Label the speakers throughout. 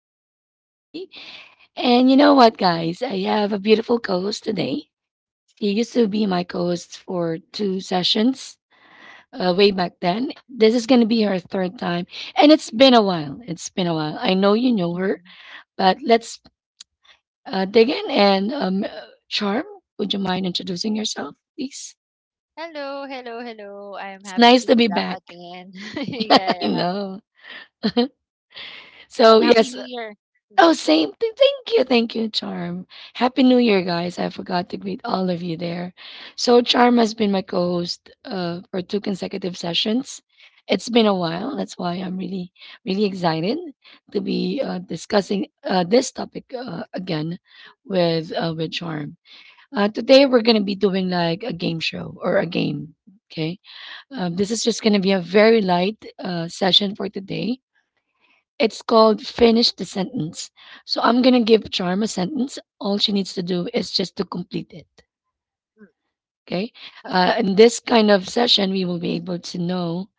Speaker 1: Daily Talk with G. And you know what, guys? I have a beautiful co host today. He used to be my co host for two sessions way back then. This is going to be her third time. And it's been a while. It's been a while. I know you know her,
Speaker 2: Mhm.
Speaker 1: but let's dig in. And Charm, would you mind introducing yourself, please?
Speaker 2: Hello, hello, hello. I'm
Speaker 1: It's
Speaker 2: happy
Speaker 1: nice
Speaker 2: to
Speaker 1: to
Speaker 2: be
Speaker 1: be
Speaker 2: back
Speaker 1: back.
Speaker 2: again. Yeah,
Speaker 1: I
Speaker 2: yeah.
Speaker 1: know. So
Speaker 2: And happy
Speaker 1: yes,
Speaker 2: New Year. Mm,
Speaker 1: Oh, same. Thank you. Thank you, Charm. Happy New Year, guys. I forgot to greet all of you there. So, Charm has been my co host for two consecutive sessions. It's been a while. That's why I'm really, really excited to be discussing this topic again
Speaker 2: mm,
Speaker 1: with Charm. Today, we're going to be doing like a game show or a game. Okay. This is just going to be a very light session for today. It's called Finish the Sentence. So I'm going to give Charm a sentence. All she needs to do is just to complete it.
Speaker 2: mm,
Speaker 1: Okay.
Speaker 2: huh,
Speaker 1: In this kind of session, we will be able to know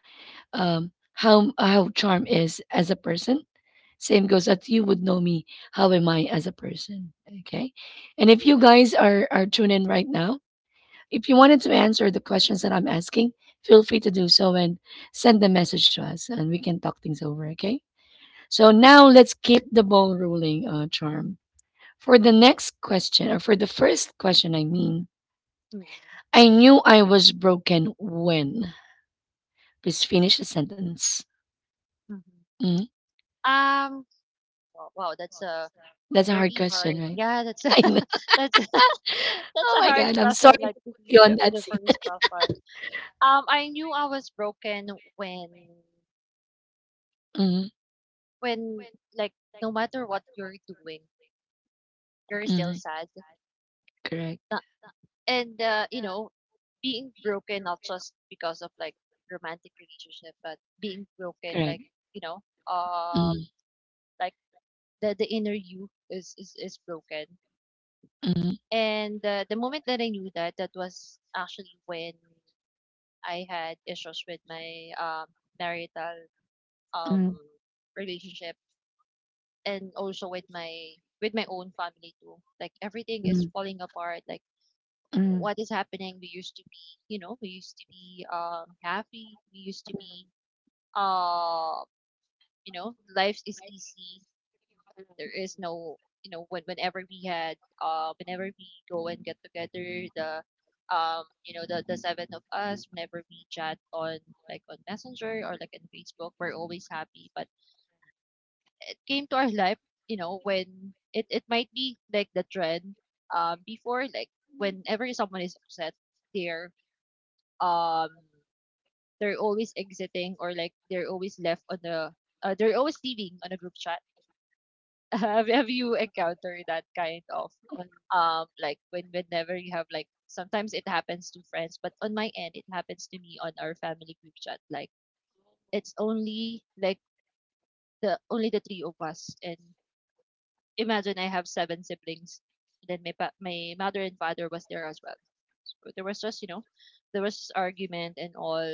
Speaker 1: how Charm is as a person. Same goes that you would know me. How am I as a person? Okay. And if you guys are tuned in right now, if you wanted to answer the questions that I'm asking, feel free to do so and send the message to us, and we can talk things over. Okay. So now let's keep the ball rolling, Charm. For the next question, or for the first question, I mean,
Speaker 2: mm,
Speaker 1: I knew I was broken when. Please finish the sentence.
Speaker 2: mhm.
Speaker 1: Mhm.
Speaker 2: Um. Wow, wow, that's a
Speaker 1: That's a hard
Speaker 2: very
Speaker 1: question,
Speaker 2: hard.
Speaker 1: right?
Speaker 2: Yeah,
Speaker 1: I know.
Speaker 2: that's a, that's
Speaker 1: Oh
Speaker 2: a
Speaker 1: my
Speaker 2: hard
Speaker 1: God, I'm sorry
Speaker 2: question.
Speaker 1: to
Speaker 2: Like to
Speaker 1: put you
Speaker 2: be
Speaker 1: on
Speaker 2: the,
Speaker 1: that
Speaker 2: the
Speaker 1: scene.
Speaker 2: first question. I knew I was broken when
Speaker 1: Mhm,
Speaker 2: when like, no matter what you're doing, you're still
Speaker 1: mhm.
Speaker 2: sad.
Speaker 1: Correct,
Speaker 2: And you know Being broken not just because of, like, romantic relationship, but being broken,
Speaker 1: correct.
Speaker 2: like, you know um
Speaker 1: Mhm,
Speaker 2: like the inner you is broken.
Speaker 1: mhm,
Speaker 2: And the moment that I knew that that was actually when I had issues with my marital um
Speaker 1: mhm,
Speaker 2: relationship, and also with my own family too, like everything is
Speaker 1: mhm,
Speaker 2: falling apart, like
Speaker 1: mhm.
Speaker 2: what is happening. We used to be happy. We used to be um, you know, Life is easy. There is no, whenever we go and get together, the you know, the seven of us, whenever we chat on, like, on Messenger, or like on Facebook, we're always happy. But it came to our life, when it might be like the trend, before, like, whenever someone is upset, they're um they're always exiting, or like they're always left on they're always leaving on a group chat. Have you encountered that kind of, like, whenever you have, like, sometimes it happens to friends, but on my end it happens to me on our family group chat. Like it's only, like, the three of us, and imagine I have seven siblings. Then my mother and father was there as well. So there was just argument and all,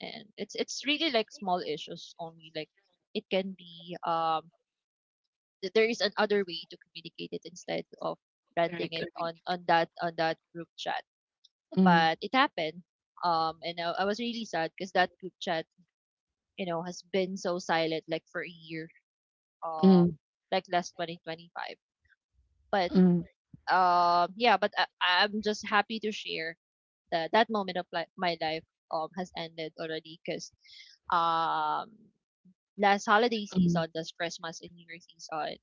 Speaker 2: and it's really like small issues only. Like it can be, there is another way to communicate it, instead of
Speaker 1: Correct,
Speaker 2: ranting it on
Speaker 1: correct.
Speaker 2: on that on that group chat.
Speaker 1: Mm,
Speaker 2: But it happened. And I was really sad because that group chat, has been so silent, like for a year. Um,
Speaker 1: mm,
Speaker 2: like, last 2025. But,
Speaker 1: mm,
Speaker 2: yeah but I'm just happy to share that that moment of my life has ended already, because um last holiday
Speaker 1: mm,
Speaker 2: season, that's Christmas and New Year season,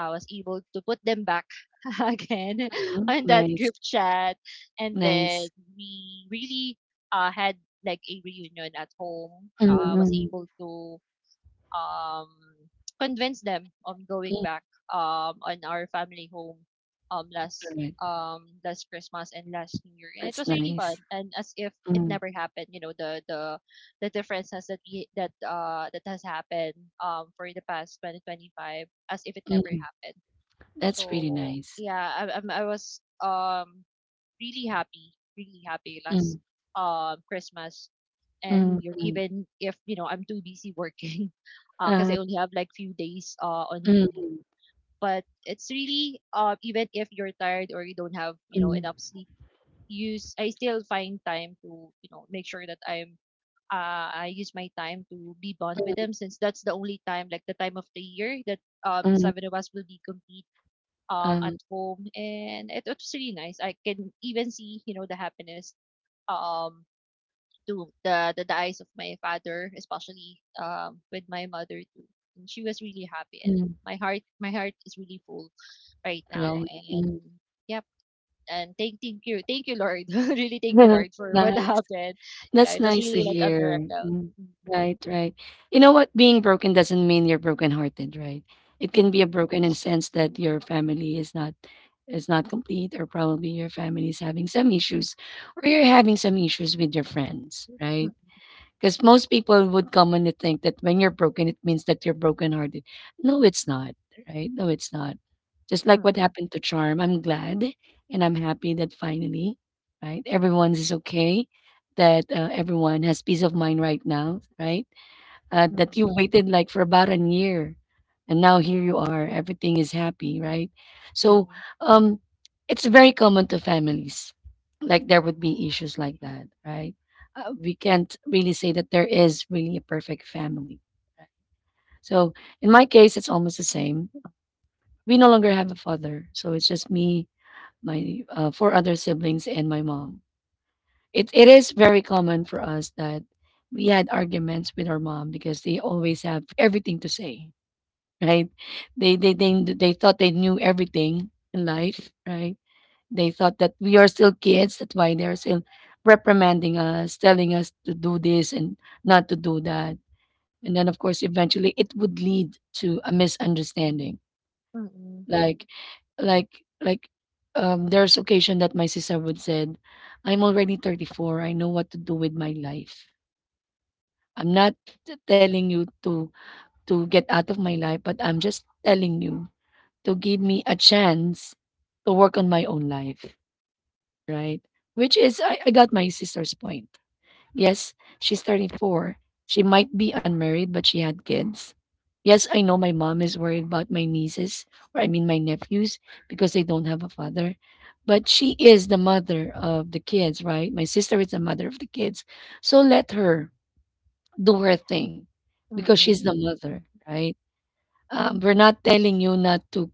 Speaker 2: I was able to put them back again
Speaker 1: mm.
Speaker 2: on that
Speaker 1: Nice,
Speaker 2: group chat. And then
Speaker 1: nice.
Speaker 2: we really had like a reunion at home.
Speaker 1: Mm,
Speaker 2: I was
Speaker 1: mm,
Speaker 2: able to, um, convince them on going
Speaker 1: mm.
Speaker 2: back, on our family home, um, last
Speaker 1: Correct.
Speaker 2: um, last Christmas and last New Year, and it
Speaker 1: That's
Speaker 2: was really fun.
Speaker 1: nice.
Speaker 2: And as if it
Speaker 1: Mm,
Speaker 2: never happened, the differences that we that that has happened for the past 2025, as if it never
Speaker 1: mm,
Speaker 2: happened.
Speaker 1: that's really
Speaker 2: So,
Speaker 1: nice.
Speaker 2: yeah, I was really happy, really happy,
Speaker 1: Mm,
Speaker 2: last Christmas and New
Speaker 1: mm,
Speaker 2: Year,
Speaker 1: mm,
Speaker 2: even if, I'm too busy working, because
Speaker 1: uh,
Speaker 2: I only have, like, few days, on leave.
Speaker 1: mm,
Speaker 2: But it's really even if you're tired, or you don't have,
Speaker 1: mm,
Speaker 2: enough sleep, use I still find time to, make sure that, I use my time to be bond with
Speaker 1: mm,
Speaker 2: them, since that's the only time, like the time of the year, that the
Speaker 1: mm,
Speaker 2: seven of us will be complete
Speaker 1: uh,
Speaker 2: at home, and it's really nice. I can even see, the happiness um to the eyes of my father, especially, with my mother too. And she was really happy, and
Speaker 1: mm,
Speaker 2: my heart is really full right now.
Speaker 1: right, mm.
Speaker 2: And, yep, and thank you, thank you, Lord, really thank you, Lord, for
Speaker 1: Right.
Speaker 2: what happened. Yeah,
Speaker 1: That's
Speaker 2: it was
Speaker 1: nice to
Speaker 2: really like a
Speaker 1: hear.
Speaker 2: miracle.
Speaker 1: Mm.
Speaker 2: Mm-mm,
Speaker 1: Right, right. You know what? Being broken doesn't mean you're brokenhearted, right? It can be
Speaker 2: mm-mm,
Speaker 1: a broken in sense that your family is not complete, or probably your family is having some issues, or you're having some issues with your friends, right? Because most people would commonly think that when you're broken, it means that you're brokenhearted. No, it's not, right? No, it's not. Just like what
Speaker 2: mm-mm,
Speaker 1: happened to Charm, I'm glad and I'm happy that finally, right, everyone's is okay, that everyone has peace of mind right now, right? That you waited like for about a year, and now here you are, everything is happy, right? So um, it's very common to families, like there would be issues like that, right? We can't really say that there is really a perfect family, right? So in my case it's almost the same. We no longer have a father, so it's just me, my four other siblings, and my mom. It is very common for us that we had arguments with our mom because they always have everything to say, right? They they they they thought they knew everything in life, right? They thought that we are still kids. That's why they're still reprimanding us, telling us to do this and not to do that. And then of course eventually it would lead to a misunderstanding.
Speaker 2: mm-mm,
Speaker 1: Like like like um, there's occasion that my sister would said, I'm already 34. I know what to do with my life. I'm not telling you to get out of my life, but I'm just telling you to give me a chance to work on my own life, right? Which is, I got my sister's point. Yes, she's 34. She might be unmarried, but she had kids. Yes, I know my mom is worried about my nieces, or I mean my nephews, because they don't have a father. But she is the mother of the kids, right? My sister is the mother of the kids. So let her do her thing because she's the
Speaker 2: mm-mm,
Speaker 1: mother, right? We're not telling you not to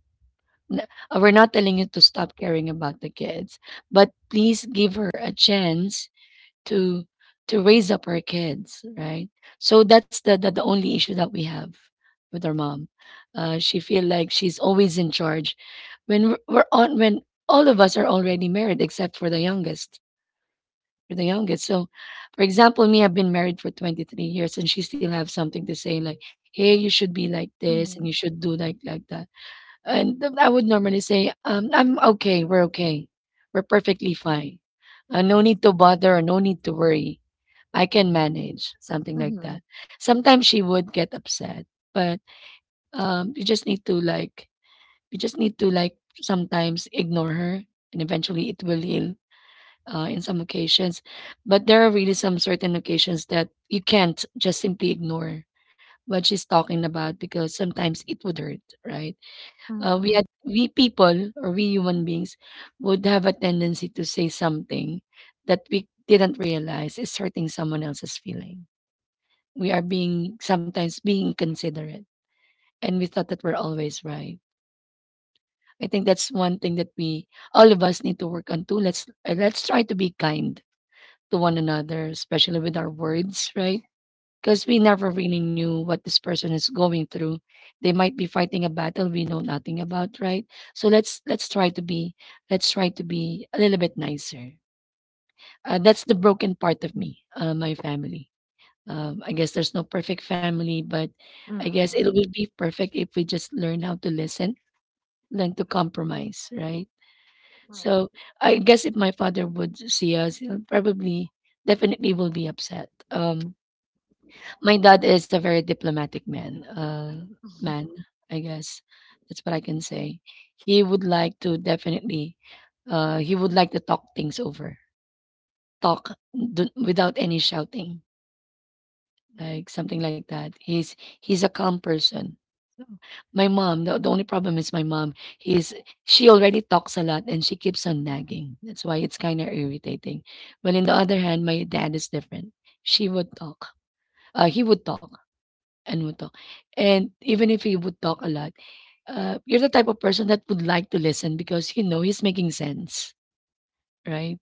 Speaker 1: N we're not telling you to stop caring about the kids, but please give her a chance to to raise up her kids, right? So that's the only issue that we have with our mom. She feel like she's always in charge when we're on when all of us are already married except for the youngest. So for example me, I've been married for 23 years, and she still have something to say like, hey, you should be like this and
Speaker 2: mm-mm,
Speaker 1: you should do like that. And I would normally say, I'm okay. We're okay. We're perfectly fine. No need to bother, no need to worry. I can manage something like
Speaker 2: mm-mm,
Speaker 1: that. Sometimes she would get upset, but you just need to like, you just need to like sometimes ignore her, and eventually it will heal in some occasions. But there are really some certain occasions that you can't just simply ignore what she's talking about, because sometimes it would hurt, right? Uh,
Speaker 2: mm-mm,
Speaker 1: we people or we human beings would have a tendency to say something that we didn't realize is hurting someone else's feeling. We are being sometimes being inconsiderate, and we thought that we're always right. I think that's one thing that we all of us need to work on too. Let's try to be kind to one another, especially with our words, right? Because we never really knew what this person is going through. They might be fighting a battle we know nothing about, right? So let's try to be let's try to be a little bit nicer. That's the broken part of me, my family. I guess there's no perfect family, but I guess it
Speaker 2: mm-mm,
Speaker 1: will be perfect if we just learn how to listen, learn to compromise, right? So I guess if my father would see us, he'll probably definitely will be upset. My dad is a very diplomatic man, man, I guess. That's what I can say. He would like to definitely, he would like to talk things over, talk without any shouting, like something like that. He's a calm person. So, my mom, the only problem is my mom. He's She already talks a lot and she keeps on nagging. That's why it's kind of irritating. But in the other hand, my dad is different. She would talk. He would talk. And even if he would talk a lot, you're the type of person that would like to listen because you know he's making sense, right?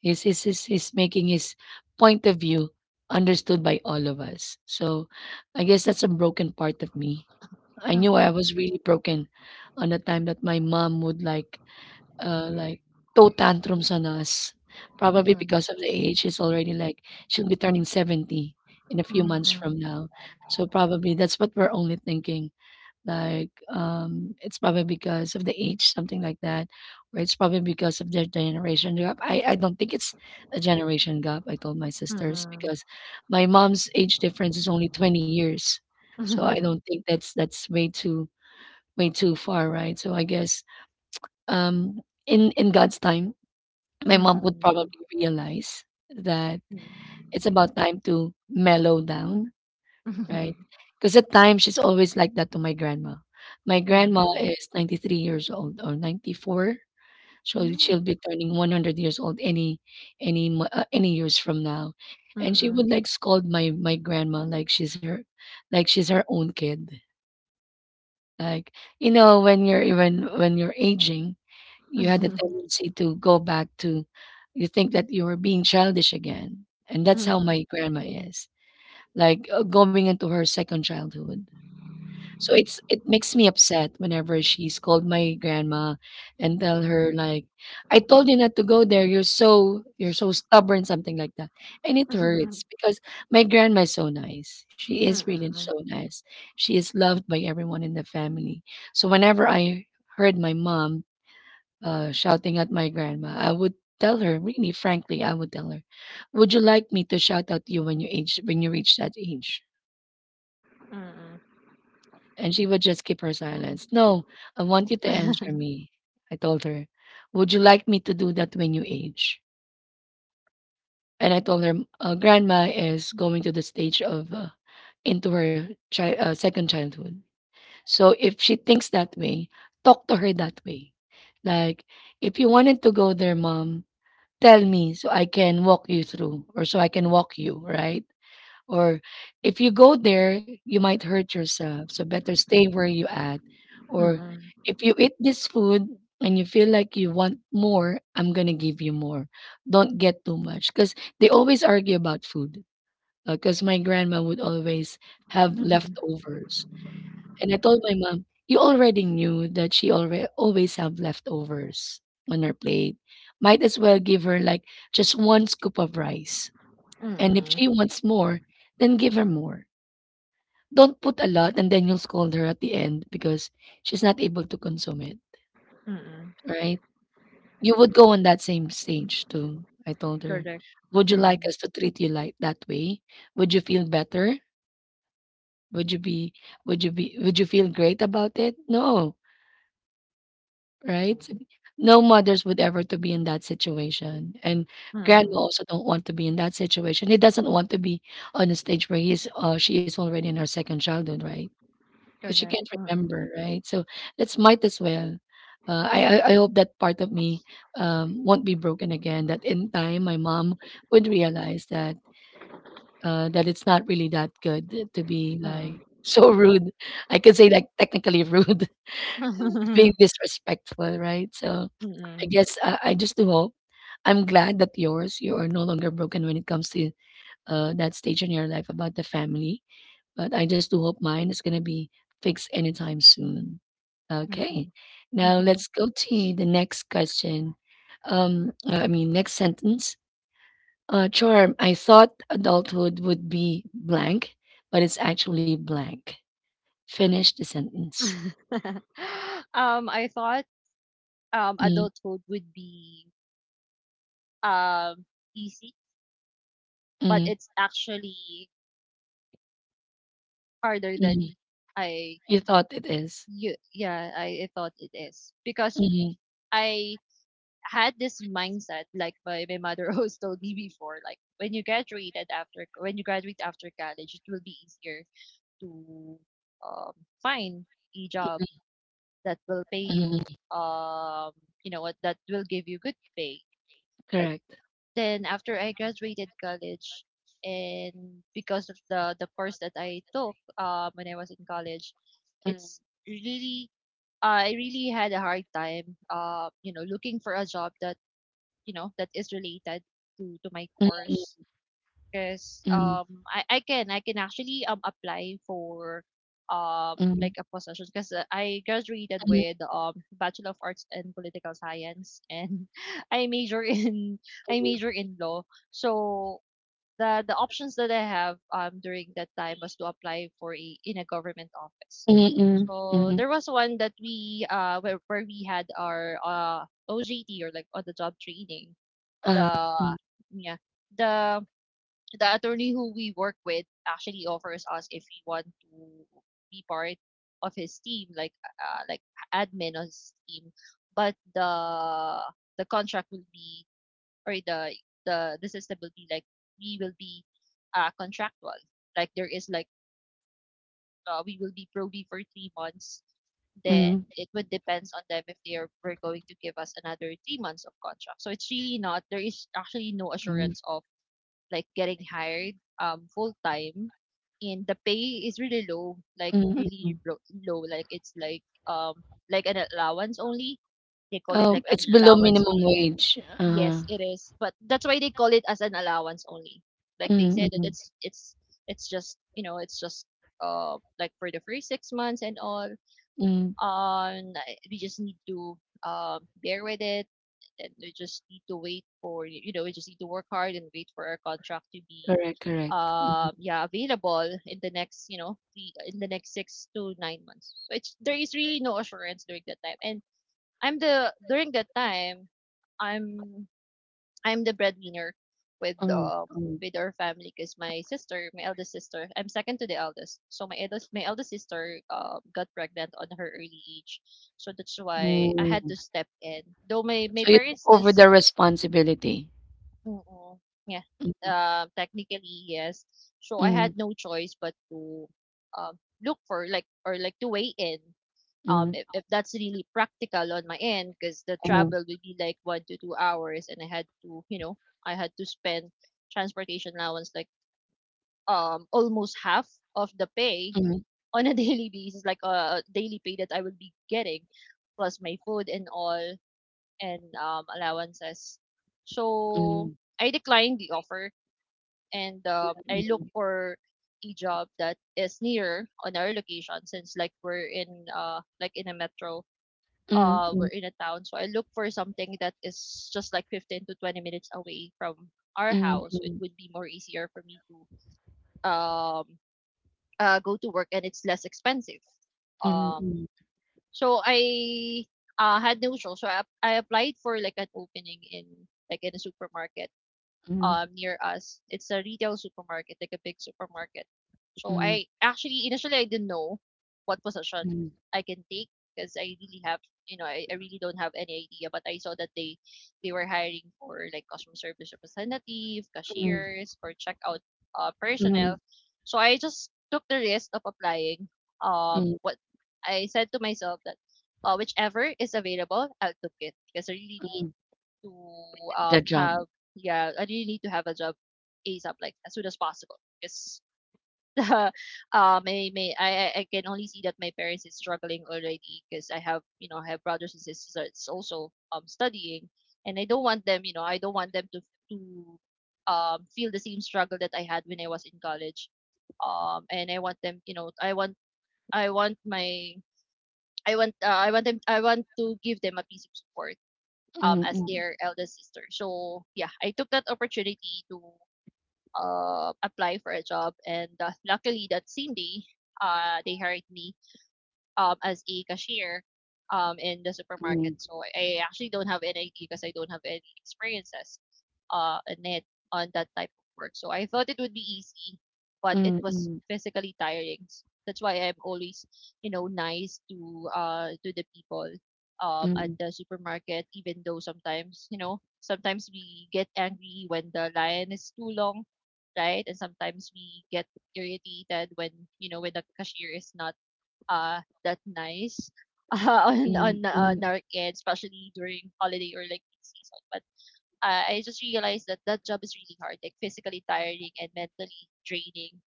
Speaker 1: He's making his point of view understood by all of us. So I guess that's a broken part of me. I knew I was
Speaker 2: mm-mm,
Speaker 1: really broken on the time that my mom would like uh, like throw tantrums on us,
Speaker 2: mm-mm,
Speaker 1: probably
Speaker 2: mm-mm, mm-mm,
Speaker 1: because of
Speaker 2: mm-mm,
Speaker 1: the age. She's already like she'll be turning 70 in a few months from now. So probably that's what we're only thinking. Like it's probably because of the age, something like that, or it's probably because of their generation gap. I don't think it's a generation gap. I told my
Speaker 2: mm-mm,
Speaker 1: sisters
Speaker 2: mm-mm,
Speaker 1: because my mom's age difference is only 20 years, so I don't think that's way too far, right? So I guess um, in God's time, my mom would
Speaker 2: mm-mm.
Speaker 1: probably realize that
Speaker 2: Mm.
Speaker 1: it's about time to mellow down, right? Because at times she's always like that to my grandma. My grandma
Speaker 2: Mm.
Speaker 1: is 93 years old or 94. So she'll
Speaker 2: Mm.
Speaker 1: be turning 100 years old any any years from now. And she
Speaker 2: Mm.
Speaker 1: would like scold my grandma like she's her own kid. Like you know when you're even when you're aging, you had the
Speaker 2: Mm.
Speaker 1: tendency to go back to, you think that you were being childish again, and that's how my grandma is, like, going into her second childhood. So it's it makes me upset whenever she scold my grandma and tell her like, "I told you not to go there. You're so stubborn," something like that. And it hurts because my grandma is so nice. She is really so nice. She is loved by everyone in the family. So whenever I heard my mom shouting at my grandma, I would tell her, really, frankly, I would tell her, "Would you like me to shout at you when you age, when you reach that age?" And she would just keep her silence. No, I want
Speaker 2: Mm.
Speaker 1: you to
Speaker 2: Mm.
Speaker 1: answer
Speaker 2: Mm.
Speaker 1: me. I told her, "Would you like me to do that when you age?" And I told her, "Grandma is going to the stage of into her second childhood. So if she thinks that way, talk to her that way. Like, if you wanted to go there, mom." Tell me so I can walk you through or so I can walk you, right? Or if you go there, you might hurt yourself. So better stay where you at. Or
Speaker 2: Mm.
Speaker 1: if you eat this food and you feel like you want more, I'm going to give you more. Don't get too much because they always argue about food. Because my grandma would always have
Speaker 2: Mhm.
Speaker 1: leftovers. And I told my mom, "You already knew that she alre always have leftovers on her plate. Might as well give her, like, just one scoop of rice, and if
Speaker 2: Mm.
Speaker 1: she wants more, then give her more. Don't put a lot and then you'll scold her at the end because she's not able to consume it,
Speaker 2: Mm.
Speaker 1: right?" You would go on that same stage too, I told her.
Speaker 2: Correct.
Speaker 1: "Would you like
Speaker 2: Mm.
Speaker 1: us to treat you like that way? Would you feel better? Would you be would you be would you feel great about it? No, right? No mothers would ever to be in that situation. And grandma
Speaker 2: Mm.
Speaker 1: also don't want to be in that situation. He doesn't want to be on a stage where he's she is already in her second childhood, right? Because she
Speaker 2: Correct.
Speaker 1: can't
Speaker 2: Mm.
Speaker 1: remember, right? So let's might as well. I hope that part of me won't be broken again. That in time, my mom would realize that it's not really that good to be like
Speaker 2: Mm.
Speaker 1: so rude. I could say like technically rude, being disrespectful, right? So I
Speaker 2: Mm.
Speaker 1: guess I just do hope. I'm glad that yours, you are no longer broken when it comes to that stage in your life about the family. But I just do hope mine is going to be fixed anytime soon. Okay.
Speaker 2: Mm.
Speaker 1: Now let's go to the next question. I mean, next sentence. Charm, I thought adulthood would be blank, but it's actually blank. Finish the sentence.
Speaker 2: I thought
Speaker 1: Mm,
Speaker 2: adulthood would be um easy, but
Speaker 1: mm,
Speaker 2: it's actually harder
Speaker 1: mm.
Speaker 2: than I.
Speaker 1: You thought it is.
Speaker 2: You yeah, I thought it is. Because
Speaker 1: Mm,
Speaker 2: I had this mindset, like my mother always told me before, like, when you graduate after college, it will be easier to um find a job that will pay you,
Speaker 1: mm,
Speaker 2: you know what that will give you good pay.
Speaker 1: correct.
Speaker 2: Then, after I graduated college, and because of the course that I took, when I was in college,
Speaker 1: Mm.
Speaker 2: it's really I really had a hard time, looking for a job that, that is related to my
Speaker 1: Mm,
Speaker 2: course. 'Cause,
Speaker 1: mm,
Speaker 2: I can actually, apply for,
Speaker 1: mm,
Speaker 2: like a position, because I graduated with, Bachelor of Arts in Political Science, and I major in I major in law. So, the options that I have, during that time was to apply for a in a government office.
Speaker 1: mm, mm,
Speaker 2: So,
Speaker 1: mm,
Speaker 2: there was one that we, where we had our, OJT, or like on the job training.
Speaker 1: uh,
Speaker 2: The
Speaker 1: mm,
Speaker 2: Yeah. The the attorney who we work with actually offers us if we want to be part of his team, like, like admin on his team. But the contract will be, or, the system will be like, we will be, contractual. Like, there is, like, we will be probie for 3 months. Then
Speaker 1: mm,
Speaker 2: it would depends on them if they are were going to give us another 3 months of contract. So, it's really not. There is actually no
Speaker 1: mm,
Speaker 2: assurance of, like, getting hired full time, and the pay is really low, like
Speaker 1: mm, mm.
Speaker 2: really, low, like, it's like, like an allowance only. They call it
Speaker 1: Oh,
Speaker 2: like an
Speaker 1: it's below
Speaker 2: allowance
Speaker 1: minimum
Speaker 2: only.
Speaker 1: wage.
Speaker 2: Yes, it is. But that's why they call it as an allowance only. Like they
Speaker 1: Mm,
Speaker 2: said that
Speaker 1: mm,
Speaker 2: it's just, it's just, like, for the first 6 months and all.
Speaker 1: mm.
Speaker 2: We just need to bear with it, and we just need to wait for, we just need to work hard and wait for our contract to be,
Speaker 1: Correct, correct. Mhm.
Speaker 2: yeah available in the next you know three, in the next 6 to 9 months. So, it's there is really no assurance during that time, and I'm the during that time, i'm I'm the breadwinner with
Speaker 1: Mm,
Speaker 2: um
Speaker 1: mm,
Speaker 2: with our family, because my eldest sister, I'm second to the eldest, so my eldest sister got pregnant on her early age. So that's why I had
Speaker 1: mm.
Speaker 2: to step in, though my
Speaker 1: So you took
Speaker 2: parents
Speaker 1: over
Speaker 2: does.
Speaker 1: the responsibility.
Speaker 2: Mm. Yeah.
Speaker 1: Mm,
Speaker 2: Technically, yes. So I
Speaker 1: mm,
Speaker 2: had no choice but to um look for, like, or like to weigh in,
Speaker 1: mm,
Speaker 2: if, that's really practical on my end, because the
Speaker 1: mm,
Speaker 2: travel would be like 1 to 2 hours, and I had to, spend transportation allowance, like almost half of the pay,
Speaker 1: mm,
Speaker 2: on a daily basis, like, a daily pay that I would be getting, plus my food and all, and allowances. So
Speaker 1: mm,
Speaker 2: I declined the offer, and, I look for a job that is near on our location, since, like, we're in, like in a metro,
Speaker 1: mm, mm, mm,
Speaker 2: we're in a town. So I look for something that is just like 15 to 20 minutes away from our
Speaker 1: mm,
Speaker 2: house. It
Speaker 1: mm,
Speaker 2: would be more easier for me to um go to work, and it's less expensive.
Speaker 1: mm,
Speaker 2: um
Speaker 1: mm,
Speaker 2: so I had no choice, so I applied for, like, an opening in, like, in a supermarket,
Speaker 1: mm,
Speaker 2: near us. It's a retail supermarket, like a big supermarket. So
Speaker 1: mm,
Speaker 2: I, actually, initially, I didn't know what position I can take, because I really have I really don't have any idea. But I saw that they were hiring for, like, customer service representative, cashiers, for checkout,
Speaker 1: mm, mm,
Speaker 2: personnel. So I just took the risk of applying.
Speaker 1: mm,
Speaker 2: What I said to myself that, whichever is available, I'll take it, because I really need
Speaker 1: mm.
Speaker 2: to
Speaker 1: The job.
Speaker 2: have. Yeah, I really need to have a job, ASAP, like as soon as possible, because may I can only see that my parents is struggling already, because I have brothers and sisters that's also studying, and I don't want them you know I don't want them to, feel the same struggle that I had when I was in college. And I want them, you know I want my I want them I want to give them a piece of support,
Speaker 1: Mm,
Speaker 2: as
Speaker 1: mm,
Speaker 2: their eldest sister. So yeah, I took that opportunity to apply for a job, and luckily that same day, they hired me as a cashier in the
Speaker 1: mm,
Speaker 2: supermarket. So I actually don't have any idea because I don't have any experiences in it on that type of work. So I thought it would be easy, but it
Speaker 1: mm,
Speaker 2: was
Speaker 1: mm,
Speaker 2: physically tiring. That's why I'm always, you know, nice to the people at
Speaker 1: mm,
Speaker 2: the supermarket, even though sometimes, you know, sometimes we get angry when the line is too long, right? And sometimes we get irritated when when the cashier is not that nice on
Speaker 1: mm,
Speaker 2: on
Speaker 1: mm,
Speaker 2: our kids, especially during holiday or like peak season. But I just realized that that job is really hard, like physically tiring and mentally draining,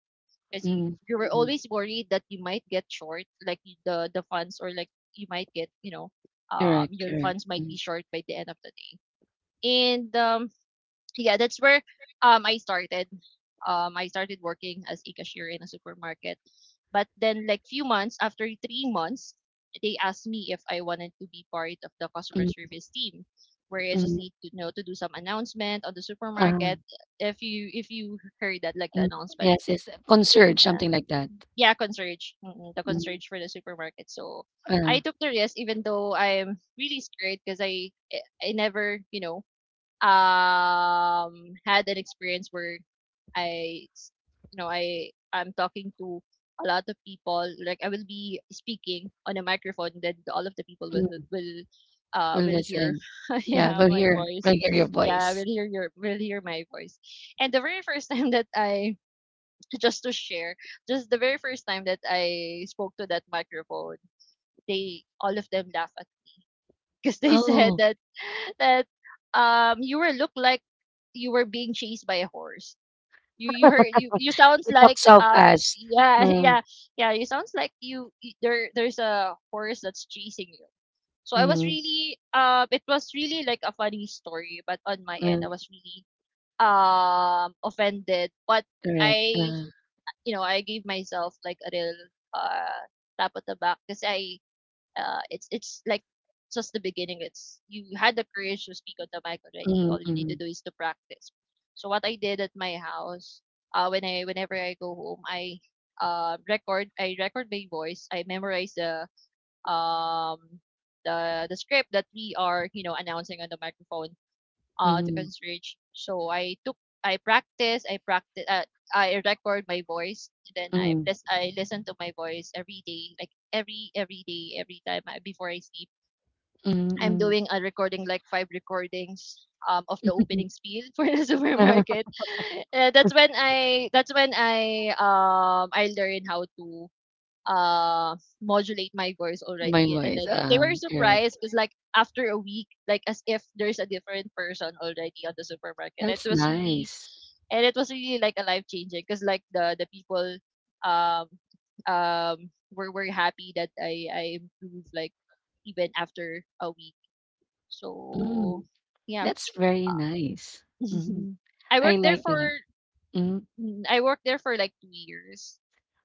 Speaker 2: because you
Speaker 1: mm,
Speaker 2: you were
Speaker 1: mm.
Speaker 2: always worried that you might get short, like the funds or like you might get.
Speaker 1: Correct,
Speaker 2: Your
Speaker 1: correct.
Speaker 2: funds might be
Speaker 1: Mm,
Speaker 2: short by the end of the day. And yeah, that's where I started. I started working as a cashier in a supermarket, but then like few months after 3 months, they asked me if I wanted to be part of the customer
Speaker 1: mm,
Speaker 2: service team where I just need
Speaker 1: mm.
Speaker 2: to, you know, to do some announcement on the supermarket
Speaker 1: Uh,
Speaker 2: if you heard that like the
Speaker 1: mm.
Speaker 2: announcement.
Speaker 1: Yes, yes. Concert
Speaker 2: Yeah.
Speaker 1: something like that.
Speaker 2: Yeah, concierge. The
Speaker 1: Mm.
Speaker 2: concierge for the supermarket. So
Speaker 1: Uh,
Speaker 2: I took the risk even though I'm really scared because I never, you know, had an experience where I, s- you know, I'm talking to a lot of people. Like I will be speaking on a microphone that all of the people
Speaker 1: mm.
Speaker 2: will uh
Speaker 1: We'll
Speaker 2: will hear.
Speaker 1: listen. Yeah,
Speaker 2: Yeah,
Speaker 1: we'll
Speaker 2: my
Speaker 1: hear,
Speaker 2: voice.
Speaker 1: we'll hear your
Speaker 2: Yeah, will
Speaker 1: voice.
Speaker 2: hear your will hear my voice. And the very first time that I Just to share, just the very first time that I spoke to that microphone, they all of them laughed at because they said
Speaker 1: Oh,
Speaker 2: that that you were look like you were being chased by a horse. You you heard you you sounds
Speaker 1: you talk
Speaker 2: like
Speaker 1: so fast.
Speaker 2: yeah.
Speaker 1: Mm,
Speaker 2: Yeah. Yeah, you sounds like there's a horse that's chasing you. So I was
Speaker 1: mm,
Speaker 2: really it was really like a funny story, but on my end
Speaker 1: mm.
Speaker 2: I was really offended. But
Speaker 1: Correct.
Speaker 2: I, you know, I gave myself like a real uh tap on the back because I, it's it's just the beginning. It's you had the courage to speak on the mic already.
Speaker 1: Mm,
Speaker 2: All you need to
Speaker 1: mm,
Speaker 2: do is to practice. So what I did at my house, when I whenever I go home, I record I record my voice. I memorize the um the script that we are, you know, announcing on the microphone, the
Speaker 1: mm,
Speaker 2: concierge. So I took I practice I record my voice. Then
Speaker 1: mm,
Speaker 2: I listen to my voice every day, like every day, every time I, before I sleep.
Speaker 1: mm,
Speaker 2: I'm
Speaker 1: mm.
Speaker 2: doing a recording, like five recordings, of the opening spiel for the supermarket. That's when I that's when I learn how to uh modulate my voice
Speaker 1: My
Speaker 2: already. And
Speaker 1: voice.
Speaker 2: then they were
Speaker 1: Correct.
Speaker 2: surprised because like after a week, like as if there's a different person already on the supermarket. It
Speaker 1: That's
Speaker 2: was really,
Speaker 1: nice.
Speaker 2: and it was really like a life changing, because like the people um were happy that I improved, like even after a week. So
Speaker 1: Mm.
Speaker 2: yeah.
Speaker 1: That's very nice. Mhm.
Speaker 2: I
Speaker 1: I
Speaker 2: worked there
Speaker 1: like that.
Speaker 2: for,
Speaker 1: Mhm.
Speaker 2: mm, I worked there for like 2 years.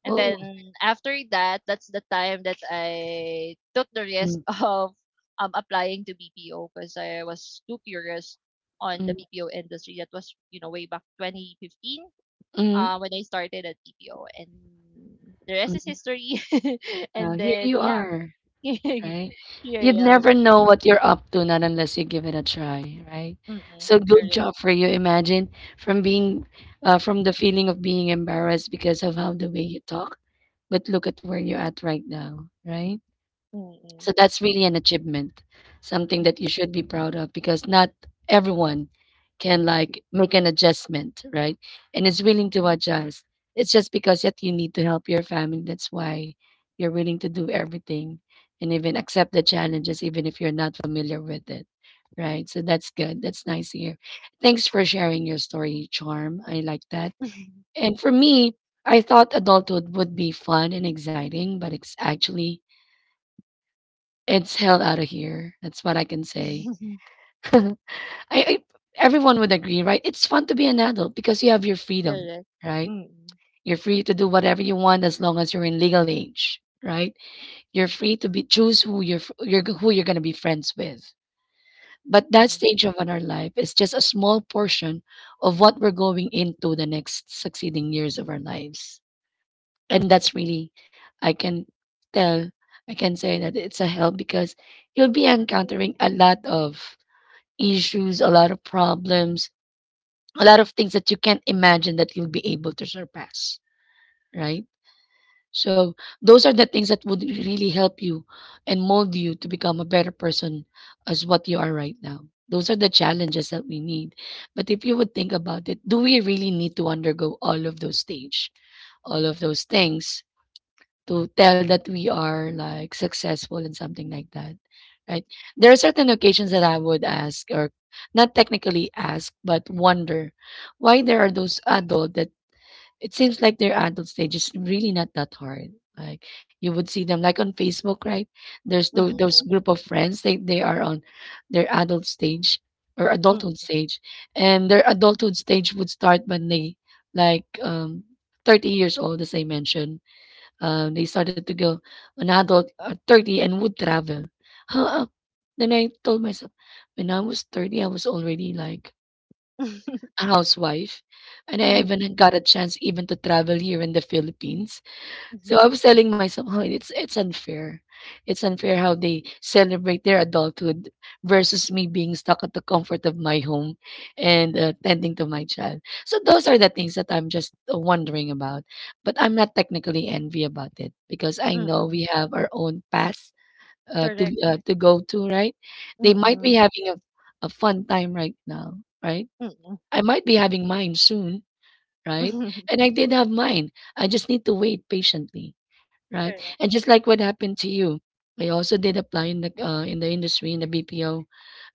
Speaker 2: And
Speaker 1: Oh,
Speaker 2: then after that, that's the time that I took the risk
Speaker 1: mm,
Speaker 2: of applying to BPO because I was too curious on the
Speaker 1: mm,
Speaker 2: BPO industry. That was, you know, way back 2015,
Speaker 1: mm,
Speaker 2: when I started at BPO. And the rest is
Speaker 1: mm.
Speaker 2: history.
Speaker 1: Now
Speaker 2: And
Speaker 1: here
Speaker 2: then,
Speaker 1: you
Speaker 2: yeah.
Speaker 1: are, right?
Speaker 2: Here I
Speaker 1: You'd
Speaker 2: am.
Speaker 1: never know what you're up to, not unless you give it a try, right?
Speaker 2: Mm-mm.
Speaker 1: So good
Speaker 2: Correct.
Speaker 1: job for you. Imagine from being, from the feeling of being embarrassed because of how the way you
Speaker 2: Mm-mm.
Speaker 1: talk, but look at where you're at right now, right? So
Speaker 2: Mm-mm.
Speaker 1: that's really an achievement, something
Speaker 2: Mm, mm,
Speaker 1: that you should be proud of because not everyone can like make an adjustment, right? And is willing to adjust. It's just because that you need to help your family. That's why you're willing to do everything and even accept the challenges, even if you're not familiar with it, right? So that's good. That's nice to hear. Thanks for sharing your story, Charm. I like that. And for me, I thought adulthood would be fun and exciting, but it's actually it's hell out of here. That's what I can say.
Speaker 2: mm.
Speaker 1: I I everyone would agree, right? It's fun to be an adult because you have your freedom,
Speaker 2: Correct.
Speaker 1: right?
Speaker 2: Mm.
Speaker 1: You're free to do whatever you want as long as you're in legal age, right? You're free to be choose who you're f- you're g- who you're going to be friends with. But that
Speaker 2: Mm,
Speaker 1: stage of our life is just a small portion of what we're going into the next succeeding years of our lives. And that's really, I can tell, I can say that it's a help because you'll be encountering a lot of issues, a lot of problems, a lot of things that you can't imagine that you'll be able to surpass, right? So those are the things that would really help you and mold you to become a better person as what you are right now. Those are the challenges that we need. But if you would think about it, do we really need to undergo all of those stage, all of those things to tell that we are like successful and something like that, right? There are certain occasions that I would ask or not technically ask but wonder why there are those adult that it seems like their adult stage is really not that hard. Like, you would see them like on Facebook, right? There's those
Speaker 2: mm,
Speaker 1: group of friends, they are on their adult stage or adulthood
Speaker 2: mm.
Speaker 1: stage. And their adulthood stage would start when they like 30 years old, as I mentioned. They started to go an adult at 30 and would travel. Huh? Then I told myself, when I was 30, I was already like a housewife. And I
Speaker 2: Mm,
Speaker 1: even got a chance even to travel here in the Philippines.
Speaker 2: mhm,
Speaker 1: So I was telling myself, oh, it's unfair. It's unfair how they celebrate their adulthood versus me being stuck at the comfort of my home and tending to my child. So those are the things that I'm just wondering about. But I'm not technically envy about it because I know
Speaker 2: mm.
Speaker 1: we have our own path
Speaker 2: Correct.
Speaker 1: to go to. Right? They might be
Speaker 2: Mm,
Speaker 1: having a fun time right now. Right?
Speaker 2: mm.
Speaker 1: I might be having mine soon, right? And I did have mine. I just need to wait patiently, right?
Speaker 2: Correct.
Speaker 1: And just like what happened to you, I also did apply in the industry in the BPO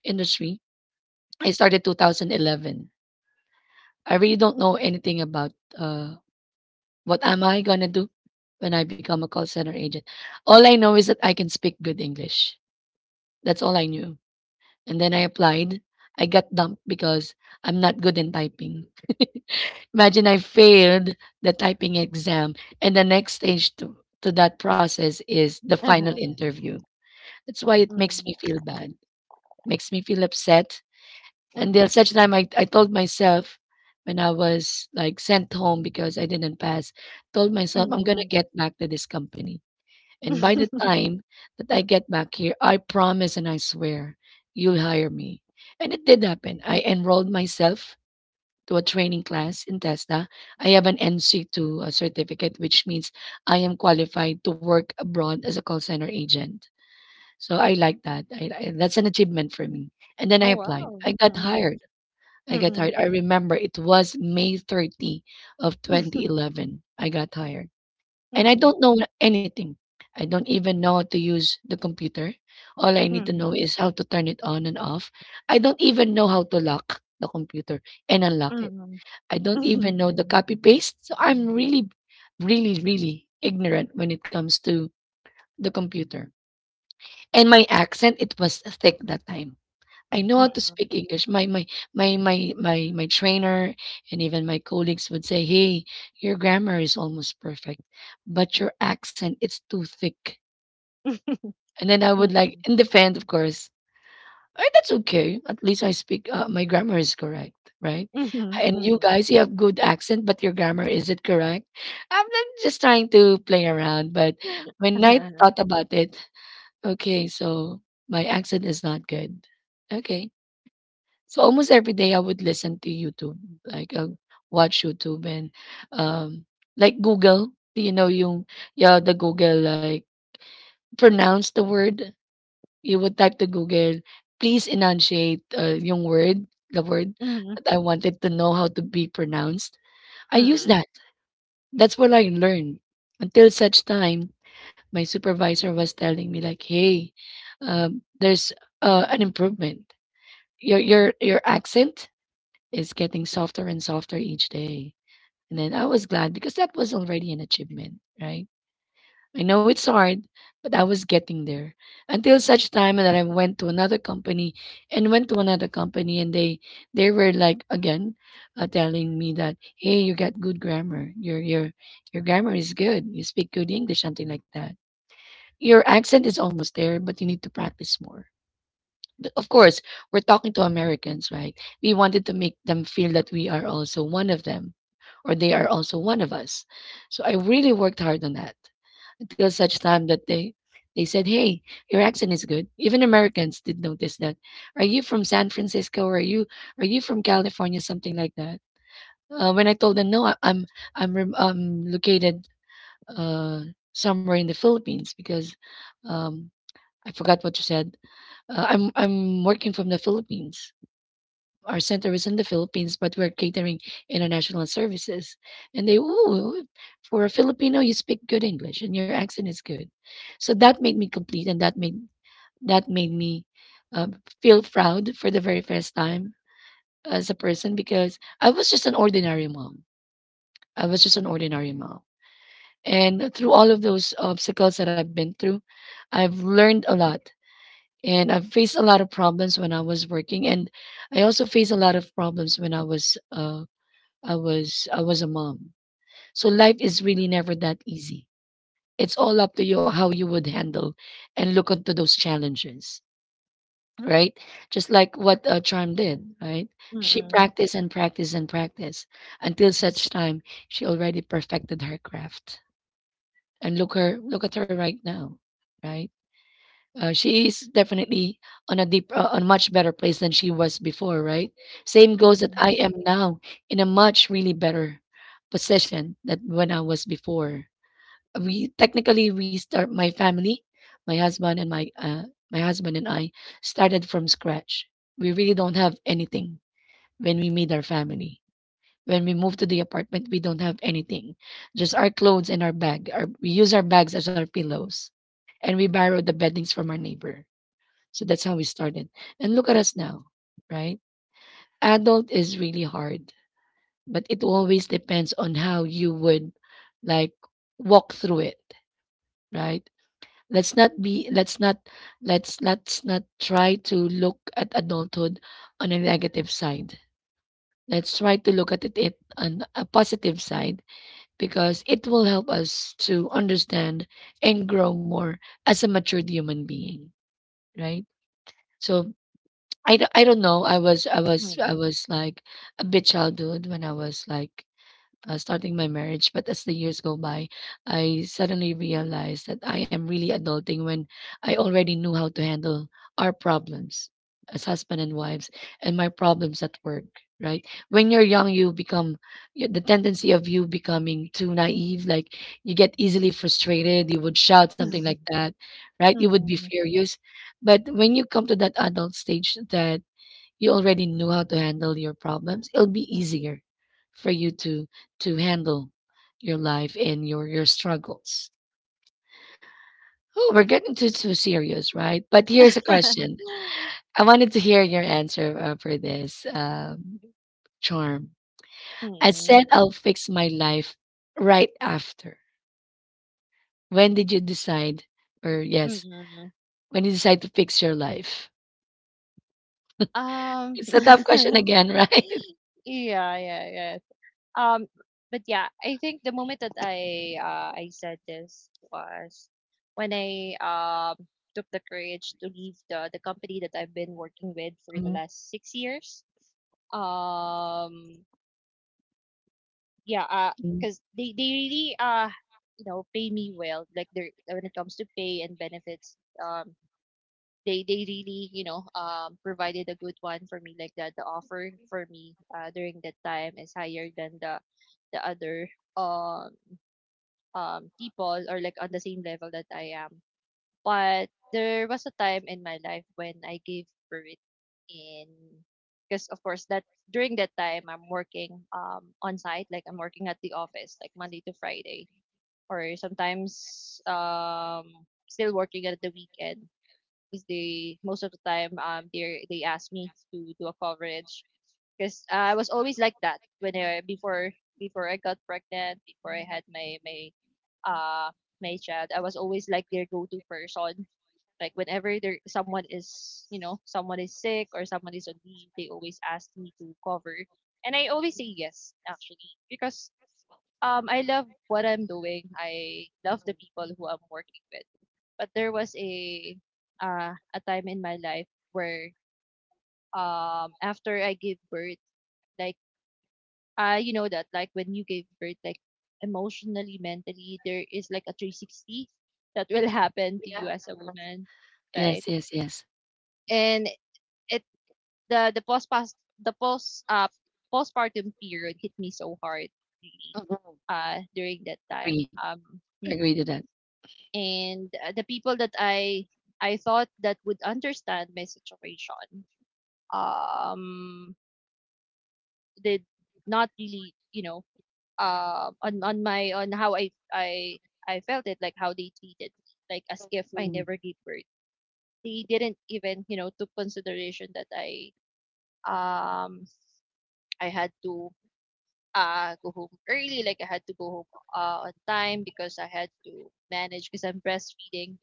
Speaker 1: industry. I started 2011. I really don't know anything about uh, what am I gonna do when I become a call center agent. All I know is that I can speak good English. That's all I knew. And then I applied. I got dumped because I'm not good in typing. Imagine I failed the typing exam, and the next stage to that process is the final
Speaker 2: Uh-huh.
Speaker 1: interview. That's why it makes
Speaker 2: Mm,
Speaker 1: me feel bad, makes me feel upset.
Speaker 2: mm,
Speaker 1: And there such time I told myself when I was like sent home because I didn't pass, told
Speaker 2: mm.
Speaker 1: myself I'm
Speaker 2: Mm.
Speaker 1: gonna get back to this company. And by the time that I get back here, I promise and I swear you'll hire me. And it did happen. I enrolled myself to a training class in TESDA. I have an NC2 certificate, which means I am qualified to work abroad as a call center agent. So I like that. That's an achievement for me. And then
Speaker 2: Oh,
Speaker 1: I applied.
Speaker 2: wow.
Speaker 1: I got
Speaker 2: Mm, mm.
Speaker 1: hired. I got
Speaker 2: Mm.
Speaker 1: hired. I remember it was May 30 of 2011. I got hired. And I
Speaker 2: Mm,
Speaker 1: don't know anything. I don't even know how to use the computer. All I need to
Speaker 2: mm.
Speaker 1: know is how to turn it on and off. I don't even know how to lock the computer and
Speaker 2: Mm,
Speaker 1: unlock it.
Speaker 2: mm.
Speaker 1: I don't
Speaker 2: Mm,
Speaker 1: even know the copy paste. So I'm really, really, really ignorant when it comes to the computer. And my accent, it was thick that time. I
Speaker 2: mm,
Speaker 1: know how to
Speaker 2: mm.
Speaker 1: speak English. My trainer and even my colleagues would say, "Hey, your grammar is almost perfect, but your accent it's too thick." And then I would
Speaker 2: Mm,
Speaker 1: like in defense, of course, "Eh, that's okay. At least my grammar is correct, right?
Speaker 2: mm,
Speaker 1: And you
Speaker 2: mm,
Speaker 1: guys, you have good accent, but your grammar is it correct?" I'm not just trying to play around, but when I thought about it, okay, so my accent is not good. Okay, so almost every day I would listen to YouTube, like watch YouTube and um, like Google. Do you know, yung, yeah, the Google like pronounce the word you would type to Google, please enunciate yung word, the word
Speaker 2: mm.
Speaker 1: that I wanted to know how to be pronounced. I used
Speaker 2: Hmm.
Speaker 1: that. That's what I learned. Until such time, my supervisor was telling me like, "Hey, there's an improvement. Your accent is getting softer and softer each day." And then I was glad because that was already an achievement, right? I know it's hard, but I was getting there. Until such time that I went to another company and went to another company and they were like again, telling me that, hey, you got good grammar. Your grammar is good. You speak good English, something like that. Your accent is almost there, but you need to practice more, of course. We're talking to Americans, right? We wanted to make them feel that we are also one of them, or they are also one of us. So I really worked hard on that until such time that they said, "Hey, your accent is good." Even Americans did notice that. Are you from San Francisco? Or are you from California? Something like that. When I told them, "No, I, I'm rem- I'm located uh, somewhere in the Philippines," because um, I forgot what you said. I'm working from the Philippines. Our center is in the Philippines, but we're catering international services. And they, ooh, for a Filipino, you speak good English and your accent is good. So that made me complete, and that made me uh, feel proud for the very first time as a person because I was just an ordinary mom. I was just an ordinary mom, and through all of those obstacles that I've been through, I've learned a lot and I faced a lot of problems when I was working, and I also faced a lot of problems when I was a mom. So life is really never that easy. It's all up to you how you would handle and look onto those challenges, right? Just like what Charm did, right? She practiced and practiced and practiced until such time she already perfected her craft. And look at her right now, right? She is definitely on a much better place than she was before, right? Same goes that I
Speaker 2: Hmm.
Speaker 1: am now in a much really better position than when I was before. We start my family, my husband and my uh, my husband and I started from scratch. We really don't have anything when we meet our family. When we move to the apartment, we don't have anything, just our clothes and our bag. We use our bags as our pillows, and we borrow the beddings from our neighbor, so that's how we started. And look at us now, right? Adult is really hard, but it always depends on how you would, like, walk through it, right? Let's not be let's not let's let's not try to look at adulthood on a negative side. Let's try to look at it on a positive side because it will help us to understand and grow more as a matured human being, right? So I don't know. I was like a bit childhood when I was like, starting my marriage, but as the years go by, I suddenly realized that I am really adulting when I already knew how to handle our problems as husband and wives and my problems at work, right? When you're young, the tendency of you becoming too naive, like you get easily frustrated, you would shout, something like that, right? You would be
Speaker 2: Hmm.
Speaker 1: furious. But when you come to that adult stage that you already knew how to handle your problems, it'll be easier for you to handle your life and your struggles. Oh, we're getting too serious, right? But here's a question. I wanted to hear your answer for this, Charm. I
Speaker 2: Mm,
Speaker 1: said I'll fix my life right after. When did you decide, or
Speaker 2: mm,
Speaker 1: yes,
Speaker 2: mm.
Speaker 1: when you decide to fix your life?
Speaker 2: Um,
Speaker 1: It's a tough question again, right?
Speaker 2: Yeah, yeah, yeah. Um, but yeah, I think the moment that I said this was when I took the courage to leave the company that I've been working with for the
Speaker 1: Mhm.
Speaker 2: last 6 years. Um, yeah,
Speaker 1: Mm.
Speaker 2: because they really you know pay me well. Like they are when it comes to pay and benefits, um, they really, you know, provided a good one for me, like that the offer for me during that time is higher than the other um people or like on the same level that I am. But there was a time in my life when I gave birth in because of course that during that time I'm working on site, like I'm working at the office like Monday to Friday, or sometimes still working at the weekend, 'cause they most of the time, they ask me to do a coverage because I was always like that when I before before I got pregnant, before I had uh my child, I was always like their go-to person. Like whenever there someone is, you know, someone is sick or someone is on leave, they always ask me to cover, and I always say yes actually because I love what I'm doing. I love the people who I'm working with. But there was a time in my life where after I gave birth, like you know that like when you gave birth, like emotionally, mentally, there is like a 360 that will happen to you as a woman, right?
Speaker 1: Yes, yes, yes.
Speaker 2: And it the the post past the postpartum period hit me so hard, really, during that time.
Speaker 1: Agree. Agree to
Speaker 2: Mm-mm.
Speaker 1: that.
Speaker 2: And the people that I thought that would understand my situation um did not really, you know, on my on how I felt it, like how they treated me like as if I
Speaker 1: Mm.
Speaker 2: never gave birth. They didn't even, you know, took consideration that I, um I had to go home early, like I had to go home on time because I had to manage because I'm breastfeeding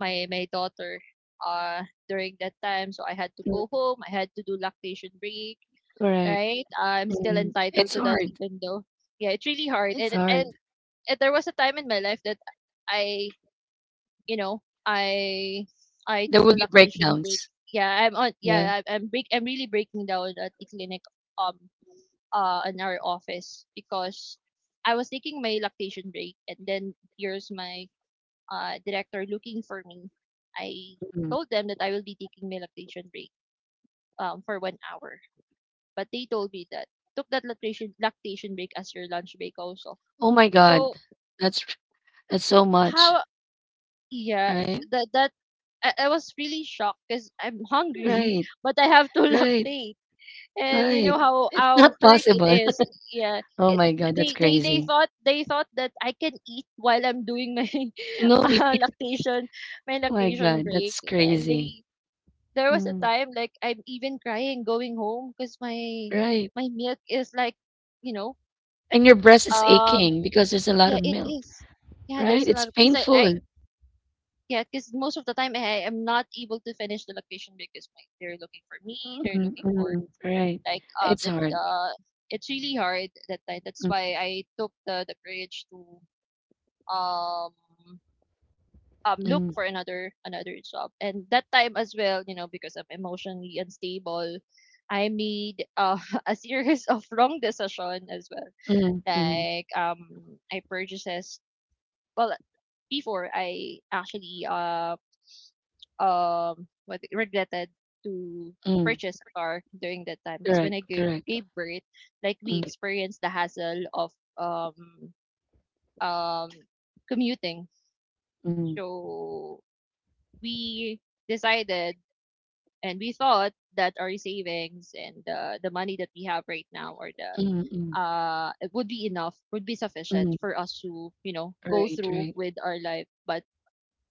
Speaker 2: my daughter uh during that time. So I had to go home, I had to do lactation break,
Speaker 1: Correct.
Speaker 2: right? I'm still
Speaker 1: Mm.
Speaker 2: entitled
Speaker 1: It's
Speaker 2: to that,
Speaker 1: hard.
Speaker 2: even though, yeah, it's really hard.
Speaker 1: It's hard.
Speaker 2: And there was a time in my life that I, you know, I
Speaker 1: There
Speaker 2: took
Speaker 1: will
Speaker 2: a
Speaker 1: be
Speaker 2: lactation break.
Speaker 1: breakdowns.
Speaker 2: Yeah, I'm on.
Speaker 1: Yeah.
Speaker 2: Yeah, I, I'm break. I'm really breaking down at the clinic, um, in our office because I was taking my lactation break, and then here's my director looking for me. I
Speaker 1: Mm.
Speaker 2: told them that I will be taking my lactation break for 1 hour, but they told me that took that lactation break as your lunch break also.
Speaker 1: Oh my God.
Speaker 2: So
Speaker 1: That's that's so much.
Speaker 2: how, yeah,
Speaker 1: Right?
Speaker 2: that that I was really shocked because I'm hungry,
Speaker 1: Right.
Speaker 2: but I have to
Speaker 1: Right.
Speaker 2: lactate. And you
Speaker 1: Right.
Speaker 2: know
Speaker 1: It's
Speaker 2: how
Speaker 1: not
Speaker 2: hurt it
Speaker 1: possible.
Speaker 2: is. Yeah.
Speaker 1: Oh
Speaker 2: It
Speaker 1: my God, that's
Speaker 2: they, they
Speaker 1: crazy.
Speaker 2: thought they thought that I can eat while I'm doing my
Speaker 1: No, you can't.
Speaker 2: lactation my
Speaker 1: Oh my
Speaker 2: lactation
Speaker 1: God,
Speaker 2: break.
Speaker 1: that's
Speaker 2: And
Speaker 1: crazy.
Speaker 2: they there was a
Speaker 1: Mm.
Speaker 2: time like I'm even crying going home because my
Speaker 1: Right.
Speaker 2: my milk is like, you know,
Speaker 1: And your breast is
Speaker 2: um
Speaker 1: aching because there's a lot
Speaker 2: yeah,
Speaker 1: of
Speaker 2: it
Speaker 1: milk.
Speaker 2: is. Yeah,
Speaker 1: Right?
Speaker 2: there's a
Speaker 1: It's
Speaker 2: lot of because I,
Speaker 1: painful.
Speaker 2: yeah, because most of the time I am not able to finish the location because my, they're looking for me. They're
Speaker 1: Mm,
Speaker 2: looking for
Speaker 1: mm, right.
Speaker 2: like
Speaker 1: It's hard.
Speaker 2: the it's really hard that time. That's
Speaker 1: Mm,
Speaker 2: why I took the courage to um look
Speaker 1: mm,
Speaker 2: for another job. And that time as well, you know, because I'm emotionally unstable, I made a series of wrong decision as well.
Speaker 1: mm, mm,
Speaker 2: Like I purchases well before I actually what regretted to
Speaker 1: mm.
Speaker 2: purchase a car during that time because when
Speaker 1: Correct. Correct.
Speaker 2: gave birth, like we
Speaker 1: Mm,
Speaker 2: experienced the hassle of um um commuting.
Speaker 1: mm.
Speaker 2: So we decided, and we thought that our savings and the money that we have right now or the
Speaker 1: Mm, mm,
Speaker 2: it would be enough, would be sufficient
Speaker 1: mm.
Speaker 2: for us to, you know, go
Speaker 1: Right,
Speaker 2: through
Speaker 1: right.
Speaker 2: with our life. But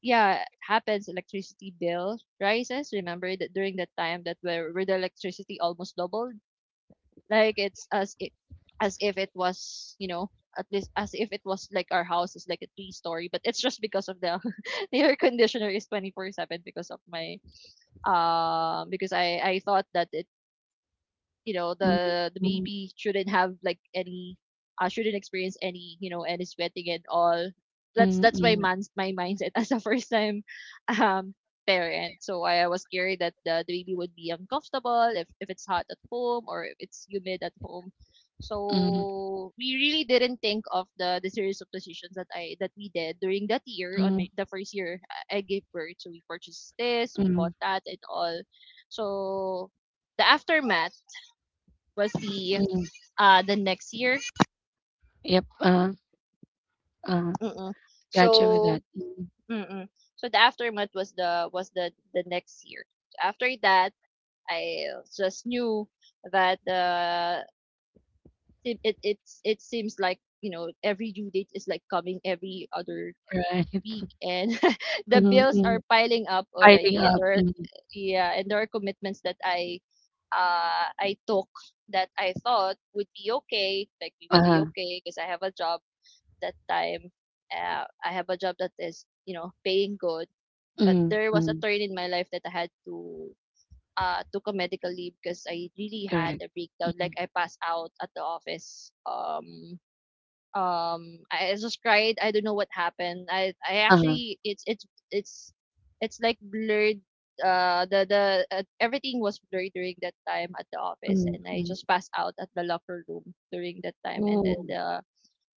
Speaker 2: yeah, happens, electricity bill rises. Remember that during that time that where the electricity almost doubled. Like it's as if it was, you know, at least as if it was like our house is like a three story, but it's just because of the air conditioner is 24/7 because of my because I thought that it you know
Speaker 1: Mm,
Speaker 2: the
Speaker 1: mm,
Speaker 2: baby shouldn't have like any shouldn't experience any any sweating at all. that's
Speaker 1: mm,
Speaker 2: that's my
Speaker 1: mm,
Speaker 2: man's my mindset as a first time um parent. So I was scared that the baby would be uncomfortable, if it's hot at home or if it's humid at home.
Speaker 1: mm,
Speaker 2: So we really didn't think of the series of decisions that I that we did during that year on my,
Speaker 1: mm,
Speaker 2: the first year I gave birth. So we purchased this, we
Speaker 1: mm,
Speaker 2: bought that and all. So the aftermath was
Speaker 1: mm.
Speaker 2: the next year.
Speaker 1: Yep. Uh,
Speaker 2: Mm-mm.
Speaker 1: gotcha with
Speaker 2: So
Speaker 1: that. Mm,
Speaker 2: mm-mm. So the aftermath was the next year. After that, I just knew that it's, it seems like every due date is like coming every other
Speaker 1: right.
Speaker 2: week, and the
Speaker 1: Mm,
Speaker 2: bills
Speaker 1: mm.
Speaker 2: are piling up
Speaker 1: Piling
Speaker 2: already, and
Speaker 1: up.
Speaker 2: there are
Speaker 1: Mm,
Speaker 2: yeah, and there are commitments that I took that I thought would be okay, like we will be
Speaker 1: uh-huh.
Speaker 2: okay because I have a job that time. I have a job that is you know paying good, but
Speaker 1: Mm,
Speaker 2: there was a
Speaker 1: mm.
Speaker 2: turn in my life that I had to took a medical leave because I really had
Speaker 1: Correct.
Speaker 2: a breakdown. Like
Speaker 1: Mm,
Speaker 2: I passed out at the office. I just cried. I don't know what happened. I
Speaker 1: uh-huh.
Speaker 2: actually it's like blurred. The Everything was blurred during that time at the office,
Speaker 1: Mm,
Speaker 2: and I
Speaker 1: mm.
Speaker 2: just passed out at the locker room during that time. And then
Speaker 1: Oh,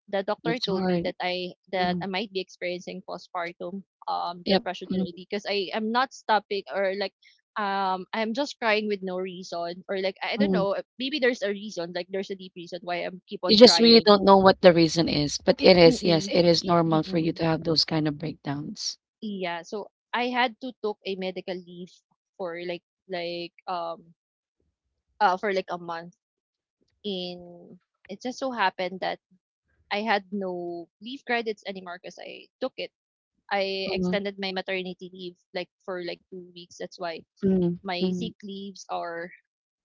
Speaker 2: the doctor
Speaker 1: that's
Speaker 2: told me
Speaker 1: hard.
Speaker 2: that I
Speaker 1: Mm,
Speaker 2: might be experiencing postpartum
Speaker 1: yep.
Speaker 2: depression
Speaker 1: Mm,
Speaker 2: already, because I am not stopping, or like I'm just crying with no reason, or like I don't
Speaker 1: mm.
Speaker 2: know, maybe there's a reason, like there's a deep reason why I'm keep
Speaker 1: You
Speaker 2: on
Speaker 1: just really
Speaker 2: crying.
Speaker 1: don't know what the reason is, but it is, yes,
Speaker 2: Mm-mm,
Speaker 1: it is normal for you
Speaker 2: mm-mm.
Speaker 1: to have those kind of breakdowns.
Speaker 2: Yeah, so I had to took a medical leave for like um like a month. In It just so happened that I had no leave credits anymore because I took it I
Speaker 1: Mm,
Speaker 2: extended my maternity leave like for like 2 weeks. That's why
Speaker 1: mm,
Speaker 2: my
Speaker 1: mm.
Speaker 2: sick leaves are